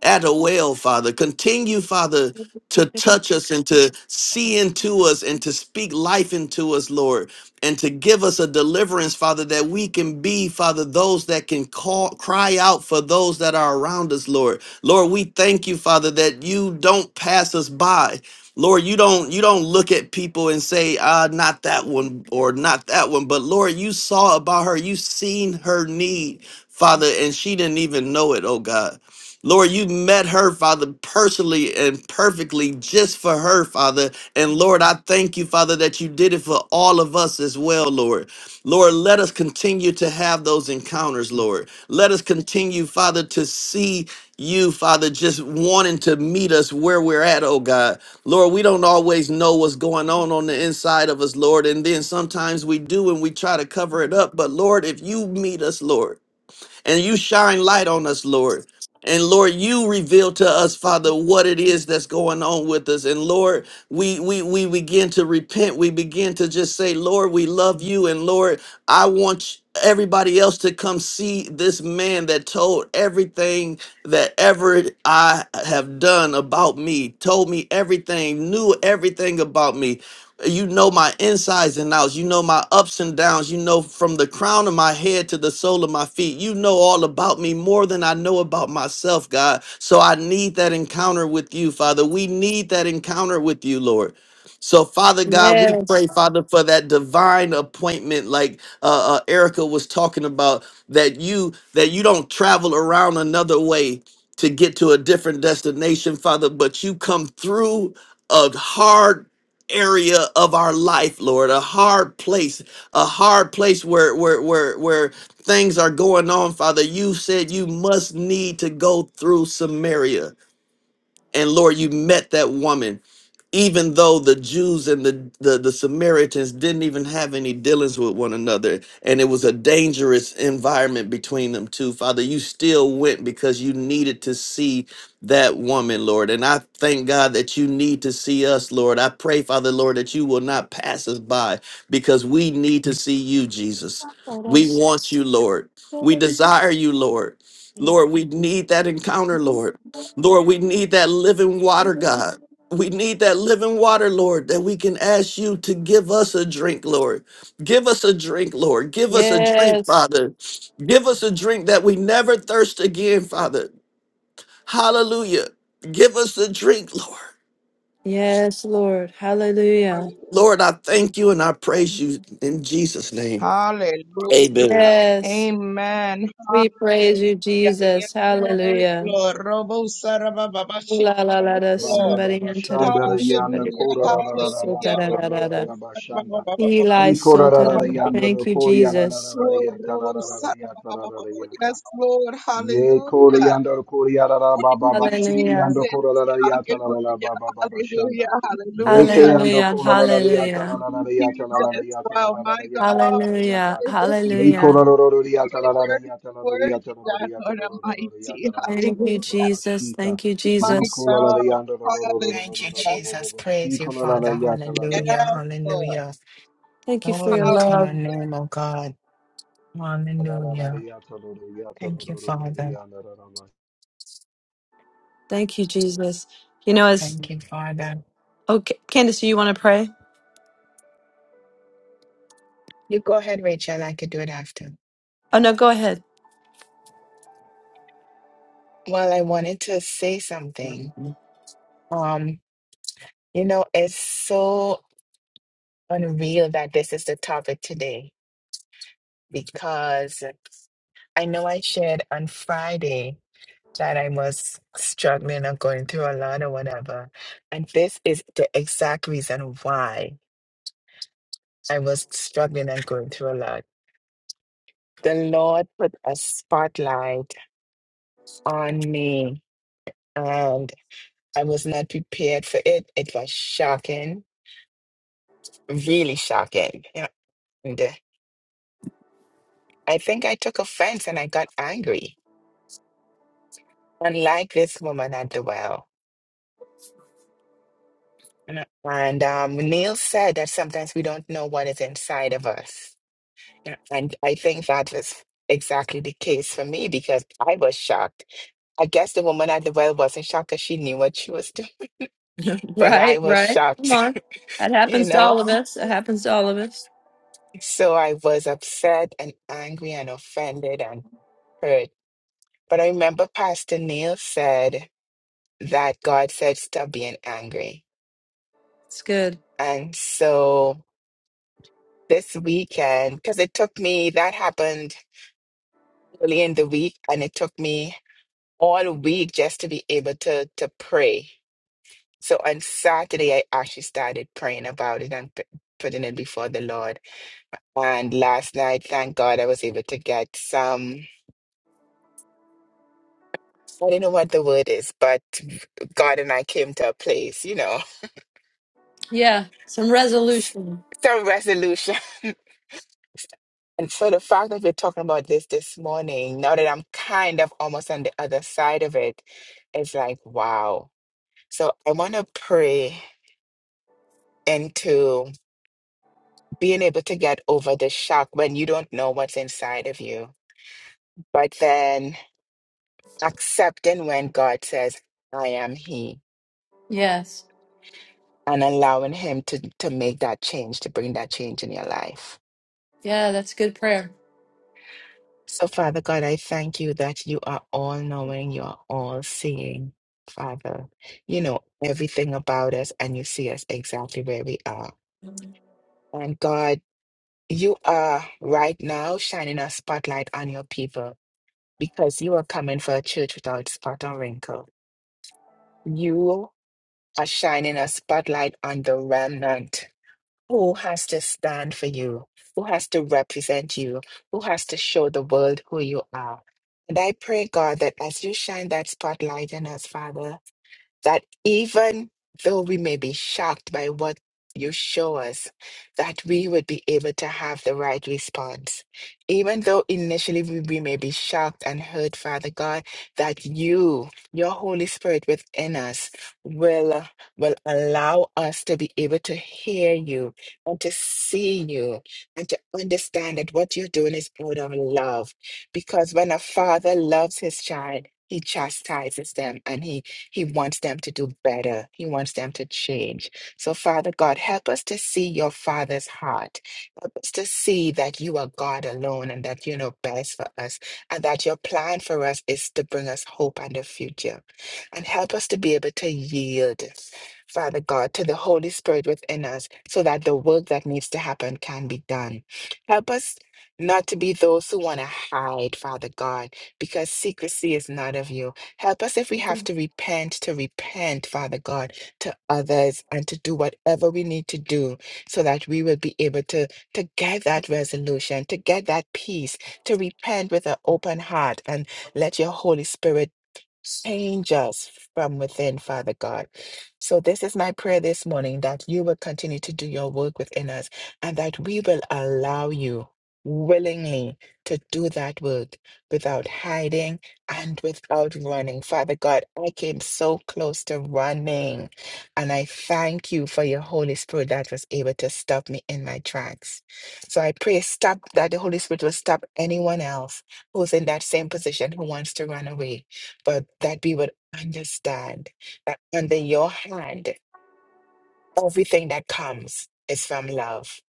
Speaker 6: at a well, Father. Continue, Father, to touch us and to see into us and to speak life into us, Lord, and to give us a deliverance, Father, that we can be, Father, those that can call, cry out for those that are around us, Lord. Lord, we thank you, Father, that you don't pass us by. Lord, you don't you don't look at people and say, ah, not that one or not that one. But Lord, you saw about her, you seen her need, Father, and she didn't even know it, oh God.
Speaker 1: Mm-hmm.
Speaker 6: Lord, you met her, Father, personally and perfectly just for her, Father. And Lord, I thank you, Father, that you did it for all of us as well, Lord. Lord, let us continue to have those encounters, Lord. Let us
Speaker 1: Mm-hmm.
Speaker 6: continue, Father, to see you, Father, just wanting to meet us where we're at, oh God. Lord, we don't always know what's going on on the inside of us, Lord. And then sometimes we do and we try to cover it up. But Lord, if you meet us, Lord, and you shine light on us, Lord. And Lord, you reveal to us, Father, what it is that's going on with us. And Lord, we we we begin to repent. We begin to just say, Lord, we love you. And Lord, I want everybody else to come see this man that told everything that ever I have done about me, told me everything, knew everything about me. You know my insides and outs. You know my ups and downs. You know from the crown of my head to the sole of my feet. You know all about me more than I know about myself, God. So I need that encounter with you, Father. We need that encounter with you, Lord. So, Father God, we
Speaker 1: Yes.
Speaker 6: pray, Father, for that divine appointment, like uh, uh, Erica was talking about, that you that you don't travel around another way to get to a different destination, Father, but you come through a hard area of our life, Lord, a hard place, a hard place where where where where things are going on, Father. You said you must need to go through Samaria. And Lord, you met that woman even though the Jews and the, the, the Samaritans didn't even have any dealings with one another, and it was a dangerous environment between them two. Father, you still went because you needed to see that woman, Lord. And I thank God that you need to see us, Lord. I pray, Father, Lord, that you will not pass us by because we need to see you, Jesus. We want you, Lord. We desire you, Lord. Lord, we need that encounter, Lord. Lord, we need that living water, God. We need that living water, Lord, that we can ask you to give us a drink, Lord. Give us a drink, Lord. Give us a drink,
Speaker 1: Yes.
Speaker 6: Father. Give us a drink that we never thirst again, Father. Hallelujah. Give us a drink, Lord.
Speaker 1: Yes, Lord. Hallelujah.
Speaker 6: Lord, I thank you and I praise you in Jesus' name. Amen.
Speaker 5: Amen.
Speaker 1: Yes,
Speaker 5: Hallelujah.
Speaker 1: we praise you,
Speaker 5: Yes,
Speaker 1: Jesus. Hallelujah.
Speaker 5: Lord. Robo Saraba Baba
Speaker 1: Ooh
Speaker 5: Shi-
Speaker 1: La la la
Speaker 5: Yes,
Speaker 1: da
Speaker 3: Ba, ba,
Speaker 5: Lord.
Speaker 3: ba,
Speaker 1: somebody
Speaker 3: ba,
Speaker 1: into the
Speaker 5: Hallelujah.
Speaker 3: shanda, da,
Speaker 1: question, but
Speaker 3: yanda,
Speaker 1: it-
Speaker 3: ko, da, da, da, da, da,
Speaker 1: so da
Speaker 5: Hallelujah.
Speaker 3: ba,
Speaker 1: da
Speaker 3: ba, ba,
Speaker 1: da
Speaker 3: ba,
Speaker 1: da
Speaker 3: ba,
Speaker 1: da.
Speaker 3: ba, ba,
Speaker 5: Robo Saraba
Speaker 3: shanda.
Speaker 5: Baba
Speaker 1: Eli
Speaker 3: E, ko,
Speaker 1: so
Speaker 3: da, da,
Speaker 1: da
Speaker 3: da,
Speaker 1: da.
Speaker 3: da, yanda, da,
Speaker 1: Thank you,
Speaker 5: Baba.
Speaker 3: ko, ya, la, la, la,
Speaker 1: Jesus.
Speaker 3: la, ya,
Speaker 5: Lord,
Speaker 3: ta, la,
Speaker 5: Robo
Speaker 3: la, la, la,
Speaker 5: Sara
Speaker 3: ya, ta,
Speaker 5: Baba
Speaker 3: la, la,
Speaker 5: Baba
Speaker 3: la,
Speaker 5: Bo.
Speaker 3: ya, ta.
Speaker 5: Yes, Lord,
Speaker 3: Ye kore
Speaker 5: hallelujah.
Speaker 3: yando kore yada la
Speaker 5: Thank
Speaker 3: ba
Speaker 5: you,
Speaker 1: Hallelujah.
Speaker 5: Jesus.
Speaker 3: yando kore la la yata la la la ba
Speaker 5: Hallelujah,
Speaker 3: ba shanda.
Speaker 5: hallelujah,
Speaker 3: Ye te
Speaker 5: hallelujah.
Speaker 3: yando
Speaker 1: Hallelujah.
Speaker 3: kore la la la yata la
Speaker 1: Hallelujah.
Speaker 3: la la yata la la la
Speaker 5: Jesus,
Speaker 3: yata la
Speaker 5: wow,
Speaker 3: la la
Speaker 5: my
Speaker 3: yata la la
Speaker 5: God,
Speaker 3: la
Speaker 1: Hallelujah.
Speaker 3: yata. Ni
Speaker 5: hallelujah.
Speaker 1: Hallelujah.
Speaker 3: kore la la la yata la
Speaker 5: You're
Speaker 3: la la
Speaker 5: worthy,
Speaker 3: yata la la
Speaker 5: worthy, God,
Speaker 3: yata
Speaker 5: Lord
Speaker 3: la la yata la la la
Speaker 5: Almighty,
Speaker 3: yata la la ba
Speaker 1: Thank
Speaker 3: ba
Speaker 1: you,
Speaker 3: ba
Speaker 5: hallelujah,
Speaker 1: Jesus. Thank you,
Speaker 5: my
Speaker 3: Ni
Speaker 1: Jesus.
Speaker 3: kore la la
Speaker 5: God,
Speaker 3: yando la la la la la
Speaker 4: Thank
Speaker 3: la
Speaker 4: you,
Speaker 3: la
Speaker 5: hallelujah.
Speaker 3: ba ba
Speaker 4: Jesus. Praise
Speaker 3: shika
Speaker 4: you,
Speaker 3: la la la
Speaker 4: Father.
Speaker 3: yata la la
Speaker 4: Hallelujah,
Speaker 5: Yes, Lord,
Speaker 4: hallelujah.
Speaker 1: Thank you for your
Speaker 4: Glory to
Speaker 1: love.
Speaker 4: your
Speaker 5: hallelujah.
Speaker 4: name, O God.
Speaker 3: la la la
Speaker 4: Hallelujah.
Speaker 3: yata la la yata la
Speaker 4: Thank you,
Speaker 3: la la yata la la
Speaker 4: Father.
Speaker 3: yanda la la ba.
Speaker 1: Thank you, Jesus. You know, it's
Speaker 4: Thank you, Father.
Speaker 1: okay. Candace, you want to pray?
Speaker 4: You go ahead, Rachel. I could do it after.
Speaker 1: Oh no, go ahead.
Speaker 4: Well, I wanted to say something. Um, you know, it's so unreal that this is the topic today because I know I shared on Friday that I was struggling or going through a lot or whatever. And this is the exact reason why I was struggling and going through a lot. The Lord put a spotlight on me, and I was not prepared for it. It was shocking, really shocking. And I think I took offense and I got angry, unlike this woman at the well. And um, Neil said that sometimes we don't know what is inside of us Yeah, And I think that was exactly the case for me because I was shocked. I guess the woman at the well wasn't shocked because she knew what she was doing, but
Speaker 1: Right,
Speaker 4: I was
Speaker 1: right. Come
Speaker 4: shocked,
Speaker 1: on. That
Speaker 4: you
Speaker 1: happens to
Speaker 4: know?
Speaker 1: all of us. It happens to all of us.
Speaker 4: So I was upset and angry and offended and hurt. But I remember Pastor Neil said that God said, stop being angry.
Speaker 1: It's good.
Speaker 4: And so this weekend, because it took me, that happened early in the week, and it took me all week just to be able to to pray So on Saturday, I actually started praying about it and p- putting it before the Lord. And last night, thank God, I was able to get some, I don't know what the word is, but God and I came to a place, you know,
Speaker 1: Yeah. Some resolution.
Speaker 4: some resolution. And so the fact that we're talking about this this morning, now that I'm kind of almost on the other side of it, it's like, wow. So I want to pray into being able to get over the shock when you don't know what's inside of you but then accepting when God says, I am He,
Speaker 1: Yes.
Speaker 4: and allowing Him to, to make that change, to bring that change in your life.
Speaker 1: Yeah, that's good prayer.
Speaker 4: So, Father God, I thank you that you are all knowing, you are all seeing, Father. You know everything about us, and you see us exactly where we are. And God, you are right now shining a spotlight on your people because you are coming for a church without spot or wrinkle. You are shining a spotlight on the remnant. Who has to stand for you? Who has to represent you? Who has to show the world who you are? And I pray, God, that as you shine that spotlight in us, Father, that even though we may be shocked by what you show us, that we would be able to have the right response. Even though initially we, we may be shocked and hurt, Father God, that you, your Holy Spirit within us, will, will allow us to be able to hear you and to see you and to understand that what you're doing is out of love. Because when a father loves his child, he chastises them and he he wants them to do better. He wants them to change. So, Father God, help us to see your Father's heart. Help us to see that you are God alone and that you know best for us and that your plan for us is to bring us hope and a future. And help us to be able to yield, Father God, to the Holy Spirit within us so that the work that needs to happen can be done. Help us not to be those who want to hide, Father God, because secrecy is not of you. Help us if we have to repent, to repent, Father God, to others and to do whatever we need to do so that we will be able to, to get that resolution, to get that peace, to repent with an open heart and let your Holy Spirit Change us from within, Father God. So, this is my prayer this morning that you will continue to do your work within us and that we will allow you willingly to do that work without hiding and without running. Father God, I came so close to running, and I thank you for your Holy Spirit that was able to stop me in my tracks. So, I pray stop that the Holy Spirit will stop anyone else who's in that same position who wants to run away but that we would understand that under your hand, everything that comes is from love.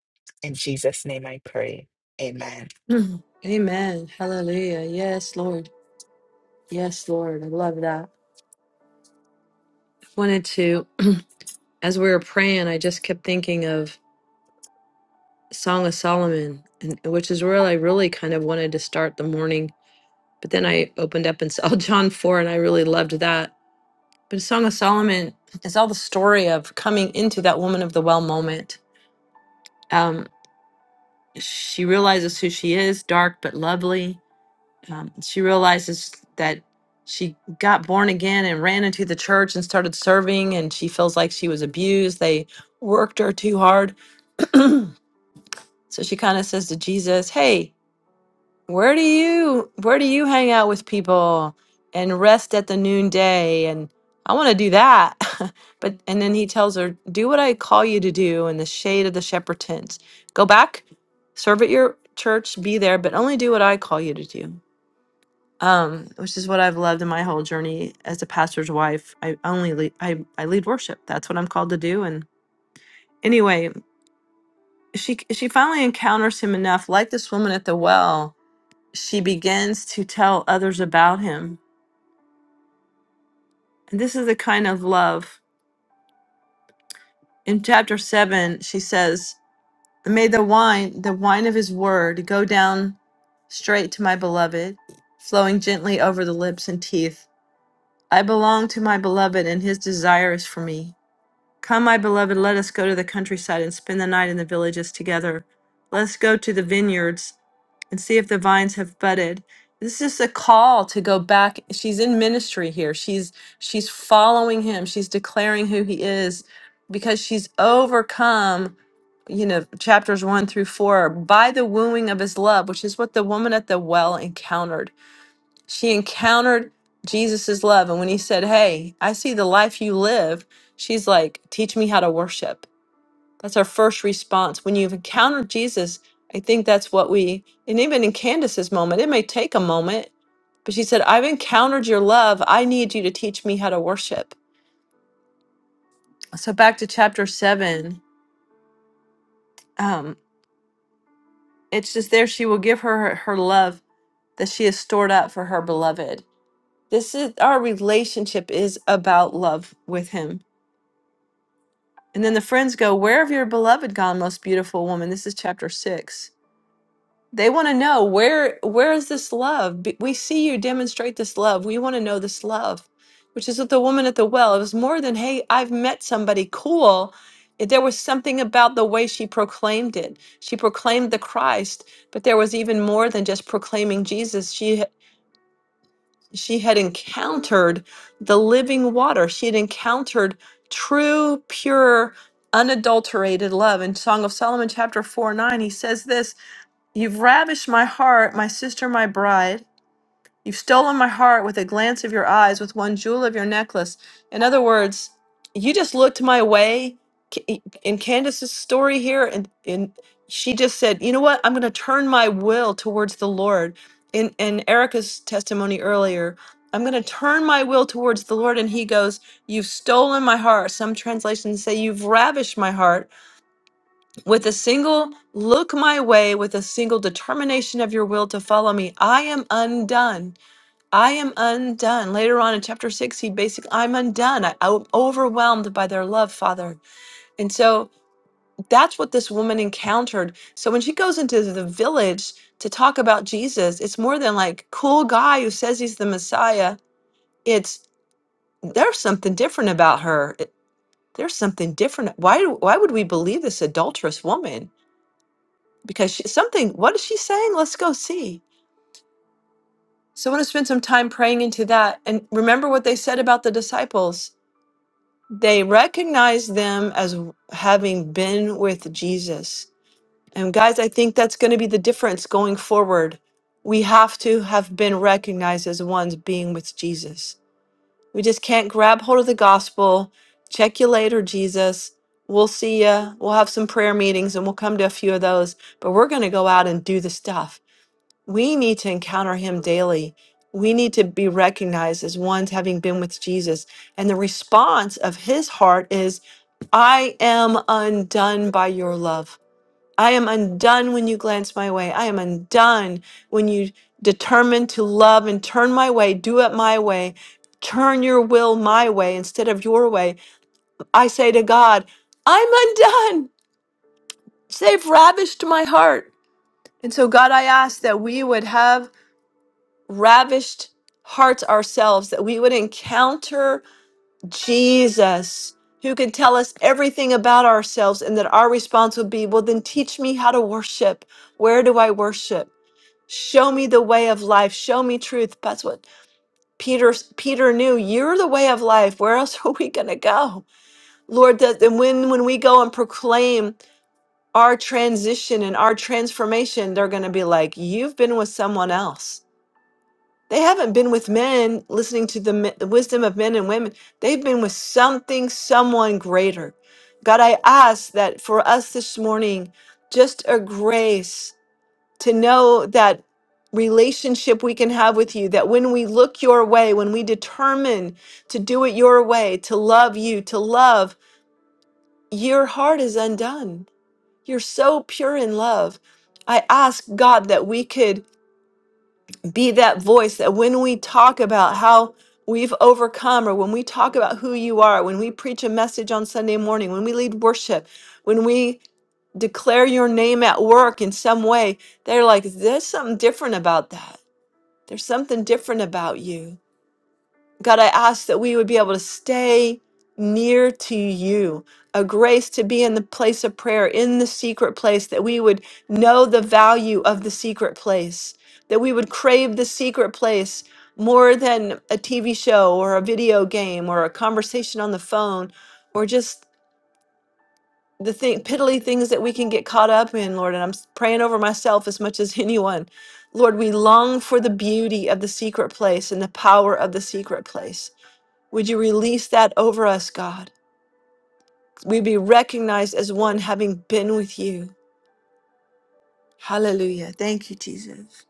Speaker 4: In Jesus' name I pray. Amen.
Speaker 1: Mhm. Amen. Hallelujah. Yes, Lord. Yes, Lord. I love that. I wanted to, as we were praying, I just kept thinking of Song of Solomon, and, which is where I really kind of wanted to start the morning. But then I opened up and saw John 4, and I really loved that But Song of Solomon is all the story of coming into that woman of the well moment. Um, she realizes who she is, dark but lovely. Um, she realizes that she got born again and ran into the church and started serving, and she feels like she was abused. They worked her too hard. so she kind of says to Jesus, Hey, Where do you where do you hang out with people and rest at the noonday? And I want to do that. but and then he tells her, Do what I call you to do in the shade of the shepherd tents. Go back, serve at your church, be there, but only do what I call you to do. Um, which is what I've loved in my whole journey as a pastor's wife. I only lead, I, I lead worship. That's what I'm called to do. And anyway, she she finally encounters him enough, like this woman at the well, she begins to tell others about him. And this is the kind of love. In chapter 7, she says, May the wine, the wine of his word, go down straight to my beloved, flowing gently over the lips and teeth. I belong to my beloved, and his desire is for me. Come, my beloved, let us go to the countryside and spend the night in the villages together. Let us go to the vineyards and see if the vines have budded. This is a call to go back. She's in ministry here. She's she's following him. She's declaring who he is because she's overcome, you know, chapters 1 through 4 by the wooing of his love, which is what the woman at the well encountered. She encountered Jesus's love. And when he said, Hey, I see the life you live, she's like, Teach me how to worship. That's our first response. When you've encountered Jesus, I think that's what we, and even in Candace's moment, it may take a moment, but she said, I've encountered your love. I need you to teach me how to worship. So back to chapter seven, um, it's just there she will give her her her love that she has stored up for her beloved. This is our relationship is about love with him And then the friends go, Where have your beloved gone, most beautiful woman? This is chapter six. They want to know where where is this love? B- We see you demonstrate this love. We want to know this love, which is with the woman at the well. It was more than, hey, I've met somebody cool. It- There was something about the way she proclaimed it. She proclaimed the Christ, but there was even more than just proclaiming Jesus. She she had encountered the living water. She had encountered true, pure, unadulterated love. In Song of Solomon, chapter 4 9, he says this You've ravished my heart, my sister, my bride. You've stolen my heart with a glance of your eyes, with one jewel of your necklace. In other words, you just looked my way. Ca- In Candace's story here, and, and she just said, "You know what? I'm going to turn my will towards the Lord." In in Erica's testimony earlier, I'm going to turn my will towards the Lord, and He goes, "You've stolen my heart." Some translations say, "You've ravished my heart." With a single look my way, with a single determination of your will to follow me, I am undone. I am undone. Later on in chapter six, he basically, I'm undone. I, I'm overwhelmed by their love, Father. And so that's what this woman encountered. So when she goes into the village to talk about Jesus, it's more than like cool guy who says he's the Messiah. It's there's something different about her. It- there's something different. Why? do- Why would we believe this adulterous woman? Because she, something. What is she saying? Let's go see. So I want to spend some time praying into that. And remember what they said about the disciples They recognize them as having been with Jesus. And guys, I think that's going to be the difference going forward. We have to have been recognized as ones being with Jesus. We just can't grab hold of the gospel, check you later, Jesus. We'll see ya. We'll have some prayer meetings and we'll come to a few of those, but we're going to go out and do the stuff. We need to encounter him daily. We need to be recognized as ones having been with Jesus. And the response of his heart is, I am undone by your love. I am undone when you glance my way. I am undone when you determine to love and turn my way, do it my way, turn your will my way instead of your way. I say to God, I'm undone. They've ravished my heart. And so, God, I ask that we would have ravished hearts ourselves, that we would encounter Jesus, who could tell us everything about ourselves, and that our response would be, Well, then teach me how to worship. Where do I worship? Show me the way of life. Show me truth. That's what Peter Peter knew. You're the way of life. Where else are we gonna go? Lord, that and when when we go and proclaim our transition and our transformation, they're gonna be like, You've been with someone else. They haven't been with men listening to the, me- the wisdom of men and women. They've been with something, someone greater. God, I ask that for us this morning, just a grace to know that relationship we can have with you, that when we look your way, when we determine to do it your way, to love you, to love, your heart is undone. You're so pure in love. I ask God that we could be that voice that when we talk about how we've overcome or when we talk about who you are, when we preach a message on Sunday morning, when we lead worship, when we declare your name at work in some way, they're like, there's something different about that. There's something different about you. God, I ask that we would be able to stay near to you, a grace to be in the place of prayer, in the secret place, that we would know the value of the secret place, that we would crave the secret place more than a TV show or a video game or a conversation on the phone or just the thing, piddly things that we can get caught up in, Lord. And I'm s- praying over myself as much as anyone. Lord, we long for the beauty of the secret place and the power of the secret place. Would you release that over us, God? We be recognized as one having been with you. Hallelujah. Thank you, Jesus.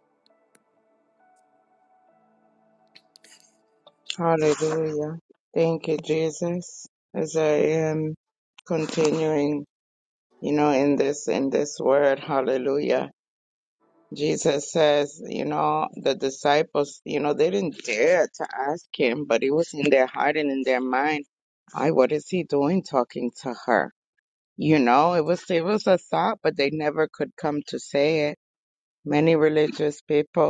Speaker 5: Hallelujah. Thank you, Jesus. As I am continuing. you know, in this in this word, hallelujah. Jesus says, you know, the disciples, you know, they didn't dare to ask him, but it was in their heart and in their mind, I, what is he doing talking to her? You know, it was it was a thought, but they never could come to say it. Many religious people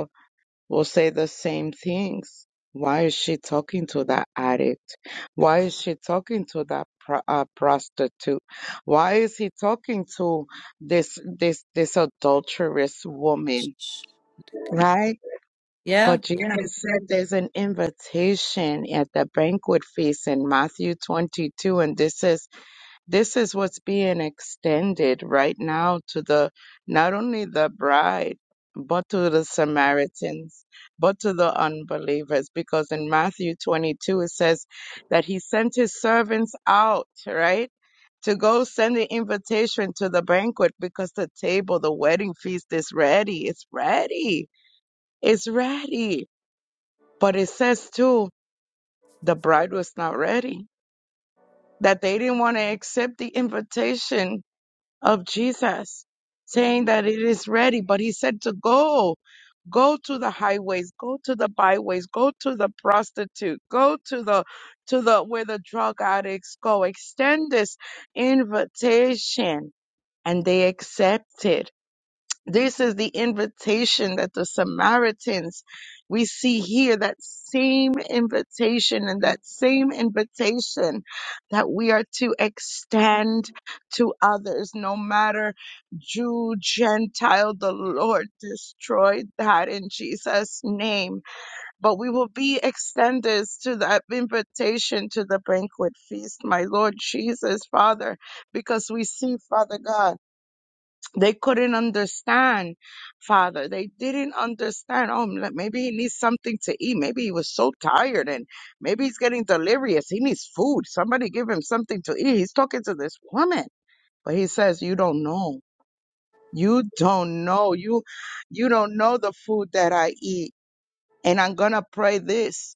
Speaker 5: will say the same things. Why is she talking to that addict? Why is she talking to that pro- uh, prostitute? Why is he talking to this this this adulterous woman? Right?
Speaker 1: Yeah.
Speaker 5: But
Speaker 1: Yeah.
Speaker 5: Jesus said there's an invitation at the banquet feast in Matthew 22, and this is this is what's being extended right now to the not only the bride but to the samaritans but to the unbelievers because in matthew 22 it says that he sent his servants out right to go send the invitation to the banquet because the table the wedding feast is ready it's ready it's ready but it says too the bride was not ready that they didn't want to accept the invitation of Jesus, saying that it is ready. But he said to go, go to the highways, go to the byways, go to the prostitute, go to the to the where the drug addicts go. Extend this invitation. And they accepted. This is the invitation that the Samaritans, we see here that same invitation and that same invitation that we are to extend to others, no matter Jew, Gentile, the Lord destroyed that in Jesus' name. But we will be extenders to that invitation to the banquet feast, my Lord Jesus, Father, because we see, Father God. They couldn't understand, Father. They didn't understand. Oh, m- like, maybe he needs something to eat. Maybe he was so tired and maybe he's getting delirious. He needs food. Somebody give him something to eat. He's talking to this woman. But he says, You don't know. You don't know. You you don't know the food that I eat. And I'm going to pray this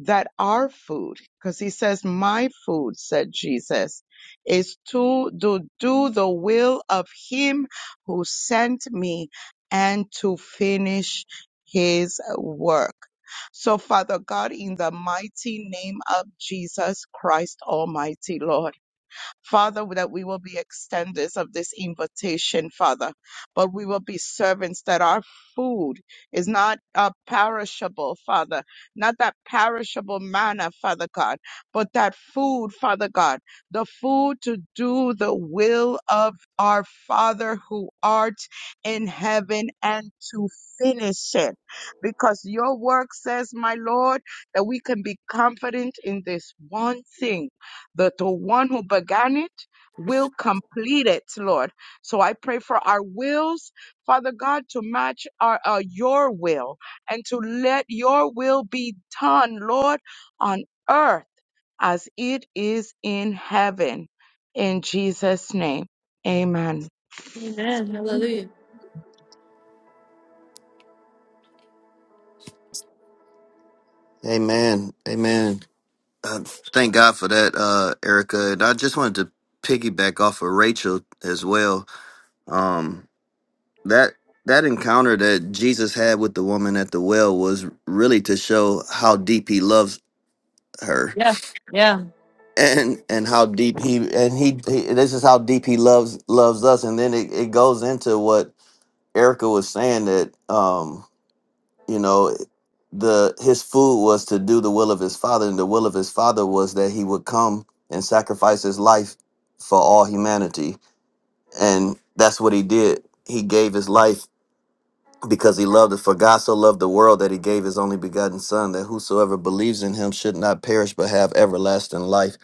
Speaker 5: that our food, because he says, My food, said Jesus, is to do, do the will of him who sent me and to finish his work. So, Father God, in the mighty name of Jesus Christ Almighty, Lord. Father, that we will be extenders of this invitation, Father, but we will be servants that our food is not uh, perishable, Father, not that perishable manna, Father God, but that food, Father God, the food to do the will of our Father who art in heaven and to finish it. Because your work says, my Lord, that we can be confident in this one thing but the one who began it will complete it, Lord. So I pray for our wills, Father God, to match our uh, your will and to let your will be done, Lord, on earth as it is in heaven. In Jesus' name, amen.
Speaker 1: Amen. Hallelujah.
Speaker 6: Amen. Amen. Uh, thank God for that, uh, Erica. And I just wanted to piggyback off of Rachel as well. Um, that that encounter that Jesus had with the woman at the well was really to show how deep he loves her
Speaker 1: Yeah. Yeah.
Speaker 6: and and how deep he and he, he this is how deep he loves loves us and then it, it goes into what Erica was saying that um you know the his food was to do the will of his father and the will of his father was that he would come and sacrifice his life for all humanity and that's what he did he gave his life because he loved it. For God so loved the world that he gave his only begotten Son, that whosoever believes in him should not perish but have everlasting life.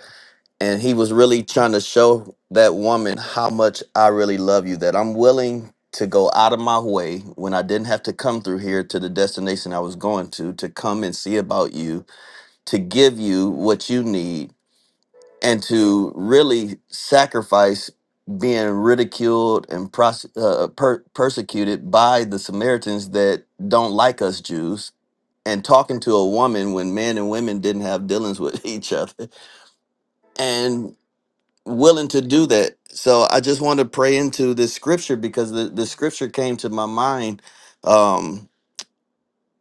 Speaker 6: And he was really trying to show that woman how much I really love you, that I'm willing to go out of my way when I didn't have to come through here to the destination I was going to, to come and see about you, to give you what you need and to really sacrifice being ridiculed and prose- uh, uh, per- persecuted by the Samaritans that don't like us Jews, and talking to a woman when men and women didn't have dealings with each other, and willing to do that. So I just want to pray into this scripture because the, the scripture came to my mind um,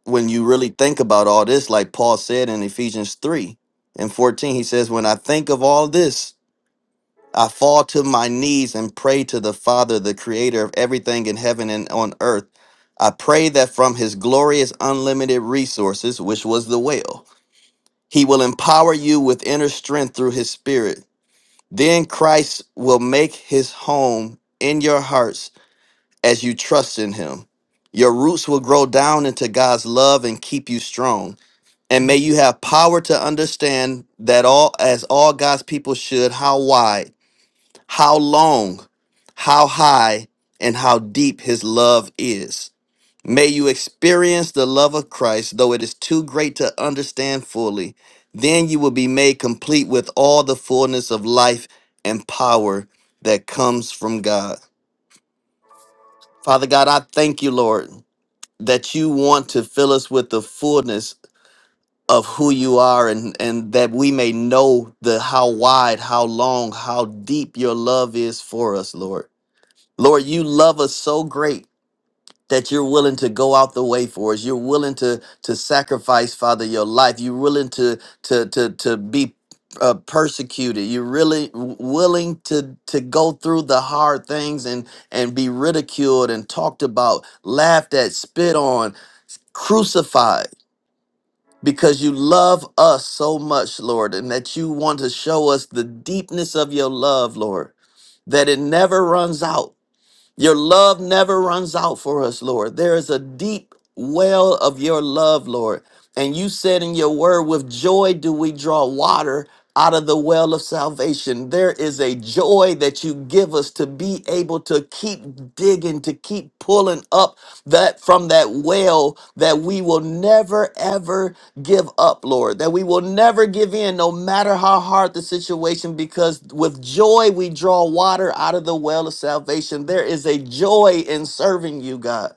Speaker 6: when you really think about all this, like Paul said in Ephesians 3 and 14, he says, When I think of all this, I fall to my knees and pray to the Father, the creator of everything in heaven and on earth. I pray that from his glorious unlimited resources, which was the will, he will empower you with inner strength through his spirit. Then Christ will make his home in your hearts as you trust in him. Your roots will grow down into God's love and keep you strong. And may you have power to understand that all as all God's people should, how wide how long, how high, and how deep his love is. May you experience the love of Christ, though it is too great to understand fully. Then you will be made complete with all the fullness of life and power that comes from God. Father God, I thank you, Lord, that you want to fill us with the fullness of who you are and, and that we may know the how wide, how long, how deep your love is for us, Lord. Lord, you love us so great that you're willing to go out the way for us. You're willing to to sacrifice, Father, your life. You're willing to to to to be uh, persecuted. You're really w- willing to to go through the hard things and and be ridiculed and talked about, laughed at, spit on, crucified. Because you love us so much, Lord, and that you want to show us the deepness of your love, Lord, that it never runs out your love never runs out for us, Lord. There is a deep well of your love, Lord. And you said in your word, with joy do we draw water out of the well of salvation. There is a joy that you give us to be able to keep digging, to keep pulling up that from that well that we will never ever give up, Lord, that we will never give in no matter how hard the situation because with joy we draw water out of the well of salvation. There is a joy in serving you, God.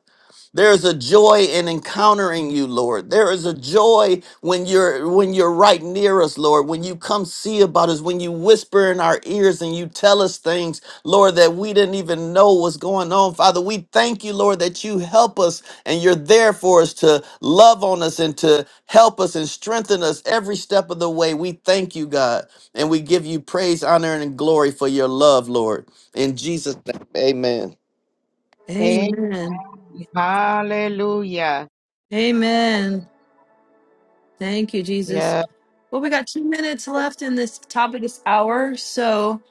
Speaker 6: There is a joy in encountering you, Lord. There is a joy when you're when you're right near us, Lord. When you come see about us, when you whisper in our ears and you tell us things, Lord, that we didn't even know was going on. Father, we thank you, Lord, that you help us and you're there for us to love on us and to help us and strengthen us every step of the way. We thank you, God, and we give you praise, honor, and glory for your love, Lord. In Jesus' name, amen.
Speaker 5: Hey,
Speaker 1: Amen.
Speaker 5: hallelujah.
Speaker 1: Amen. Thank you,
Speaker 5: Yes.
Speaker 1: Jesus. Well, we got two minutes left in this top of this hour. So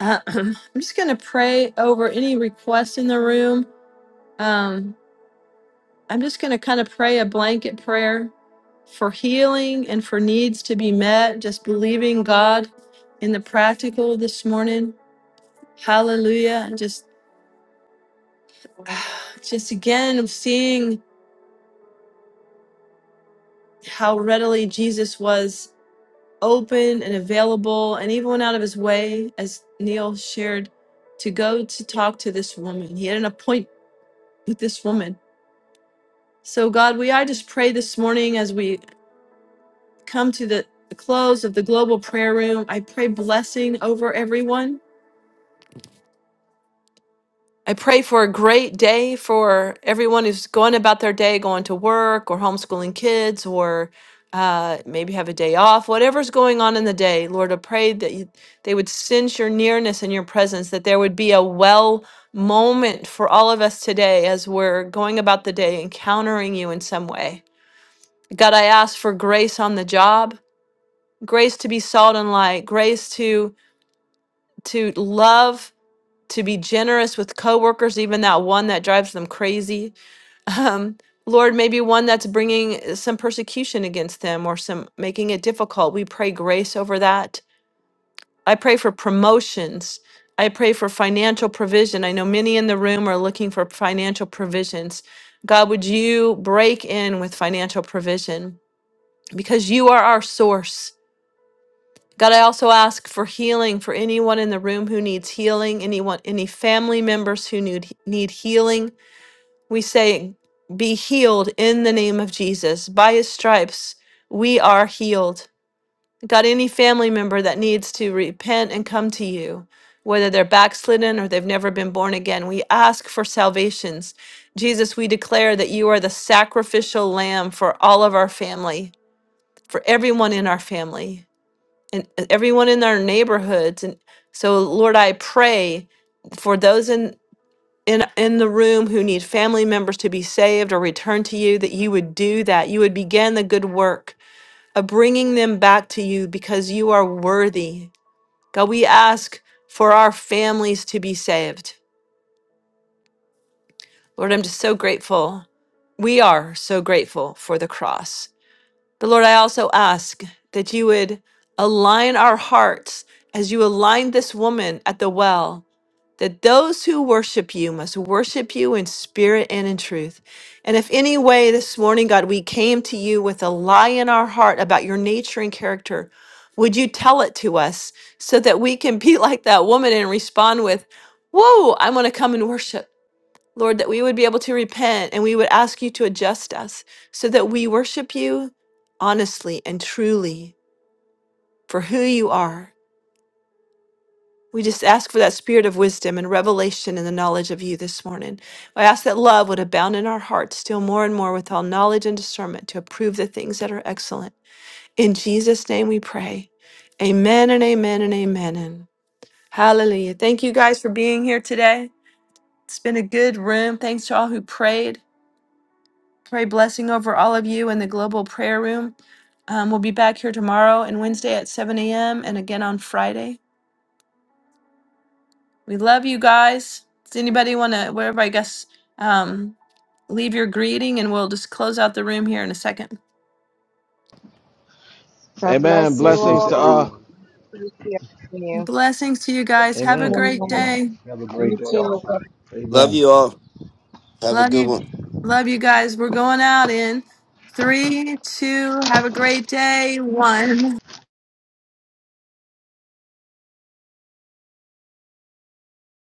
Speaker 1: uh, I'm just going to pray over any requests in the room. Um, I'm just going to kind of pray a blanket prayer for healing and for needs to be met, just believing God in the practical this morning. Hallelujah. And just just again seeing how readily Jesus was open and available and even went out of his way as Neil shared to go to talk to this woman. He had an appointment with this woman. So God, we I just pray this morning as we come to the, the close of the global prayer room. I pray blessing over everyone. I pray for a great day for everyone who's going about their day, going to work or homeschooling kids or uh, maybe have a day off, whatever's going on in the day. Lord, I pray that you, they would sense your nearness and your presence, that there would be a well moment for all of us today as we're going about the day, encountering you in some way. God, I ask for grace on the job, grace to be salt and light, grace to to love, to be generous with coworkers, even that one that drives them crazy. Um, Lord, maybe one that's bringing some persecution against them or some making it difficult. We pray grace over that. I pray for promotions. I pray for financial provision. I know many in the room are looking for financial provisions. God, would you break in with financial provision because you are our source. God, I also ask for healing for anyone in the room who needs healing, anyone, any family members who need, need healing. We say, be healed in the name of Jesus. By his stripes, we are healed. God, any family member that needs to repent and come to you, whether they're backslidden or they've never been born again, we ask for salvations. Jesus, we declare that you are the sacrificial lamb for all of our family, for everyone in our family and uh, everyone in our neighborhoods and so lord i pray for those in in in the room who need family members to be saved or return to you that you would do that you would begin the good work of bringing them back to you because you are worthy god we ask for our families to be saved lord i'm just so grateful we are so grateful for the cross But Lord, I also ask that you would align our hearts as you aligned this woman at the well, that those who worship you must worship you in spirit and in truth. And if any way this morning, God, we came to you with a lie in our heart about your nature and character, would you tell it to us so that we can be like that woman and respond with, Whoa, I'm going to come and worship. Lord, that we would be able to repent and we would ask you to adjust us so that we worship you honestly and truly for who you are. We just ask for that spirit of wisdom and revelation and the knowledge of you this morning. I ask that love would abound in our hearts still more and more with all knowledge and discernment to approve the things that are excellent. In Jesus' name we pray. Amen and amen and amen. And hallelujah. Thank you guys for being here today. It's been a good room. Thanks to all who prayed. Pray blessing over all of you in the global prayer room. Um, we'll be back here tomorrow and Wednesday at 7 a.m. and again on Friday. We love you guys. Does anybody want to, wherever I guess, um, leave your greeting and we'll just close out the room here in a second.
Speaker 5: God
Speaker 2: Amen.
Speaker 5: bless you
Speaker 3: Blessings
Speaker 2: Blessings
Speaker 3: to
Speaker 2: to
Speaker 5: all.
Speaker 2: all.
Speaker 3: everyone.
Speaker 5: Yeah. You
Speaker 1: Blessings to you guys. Have a
Speaker 2: Amen.
Speaker 1: great
Speaker 5: Mm,
Speaker 3: Yeah.
Speaker 1: day.
Speaker 3: Have a great
Speaker 5: you
Speaker 3: day
Speaker 5: too.
Speaker 3: also.
Speaker 6: Love
Speaker 3: Amen.
Speaker 6: you all. Have a
Speaker 1: Love
Speaker 6: good
Speaker 1: you.
Speaker 6: one.
Speaker 1: Love you guys. We're going out in three, two, have a great day, one.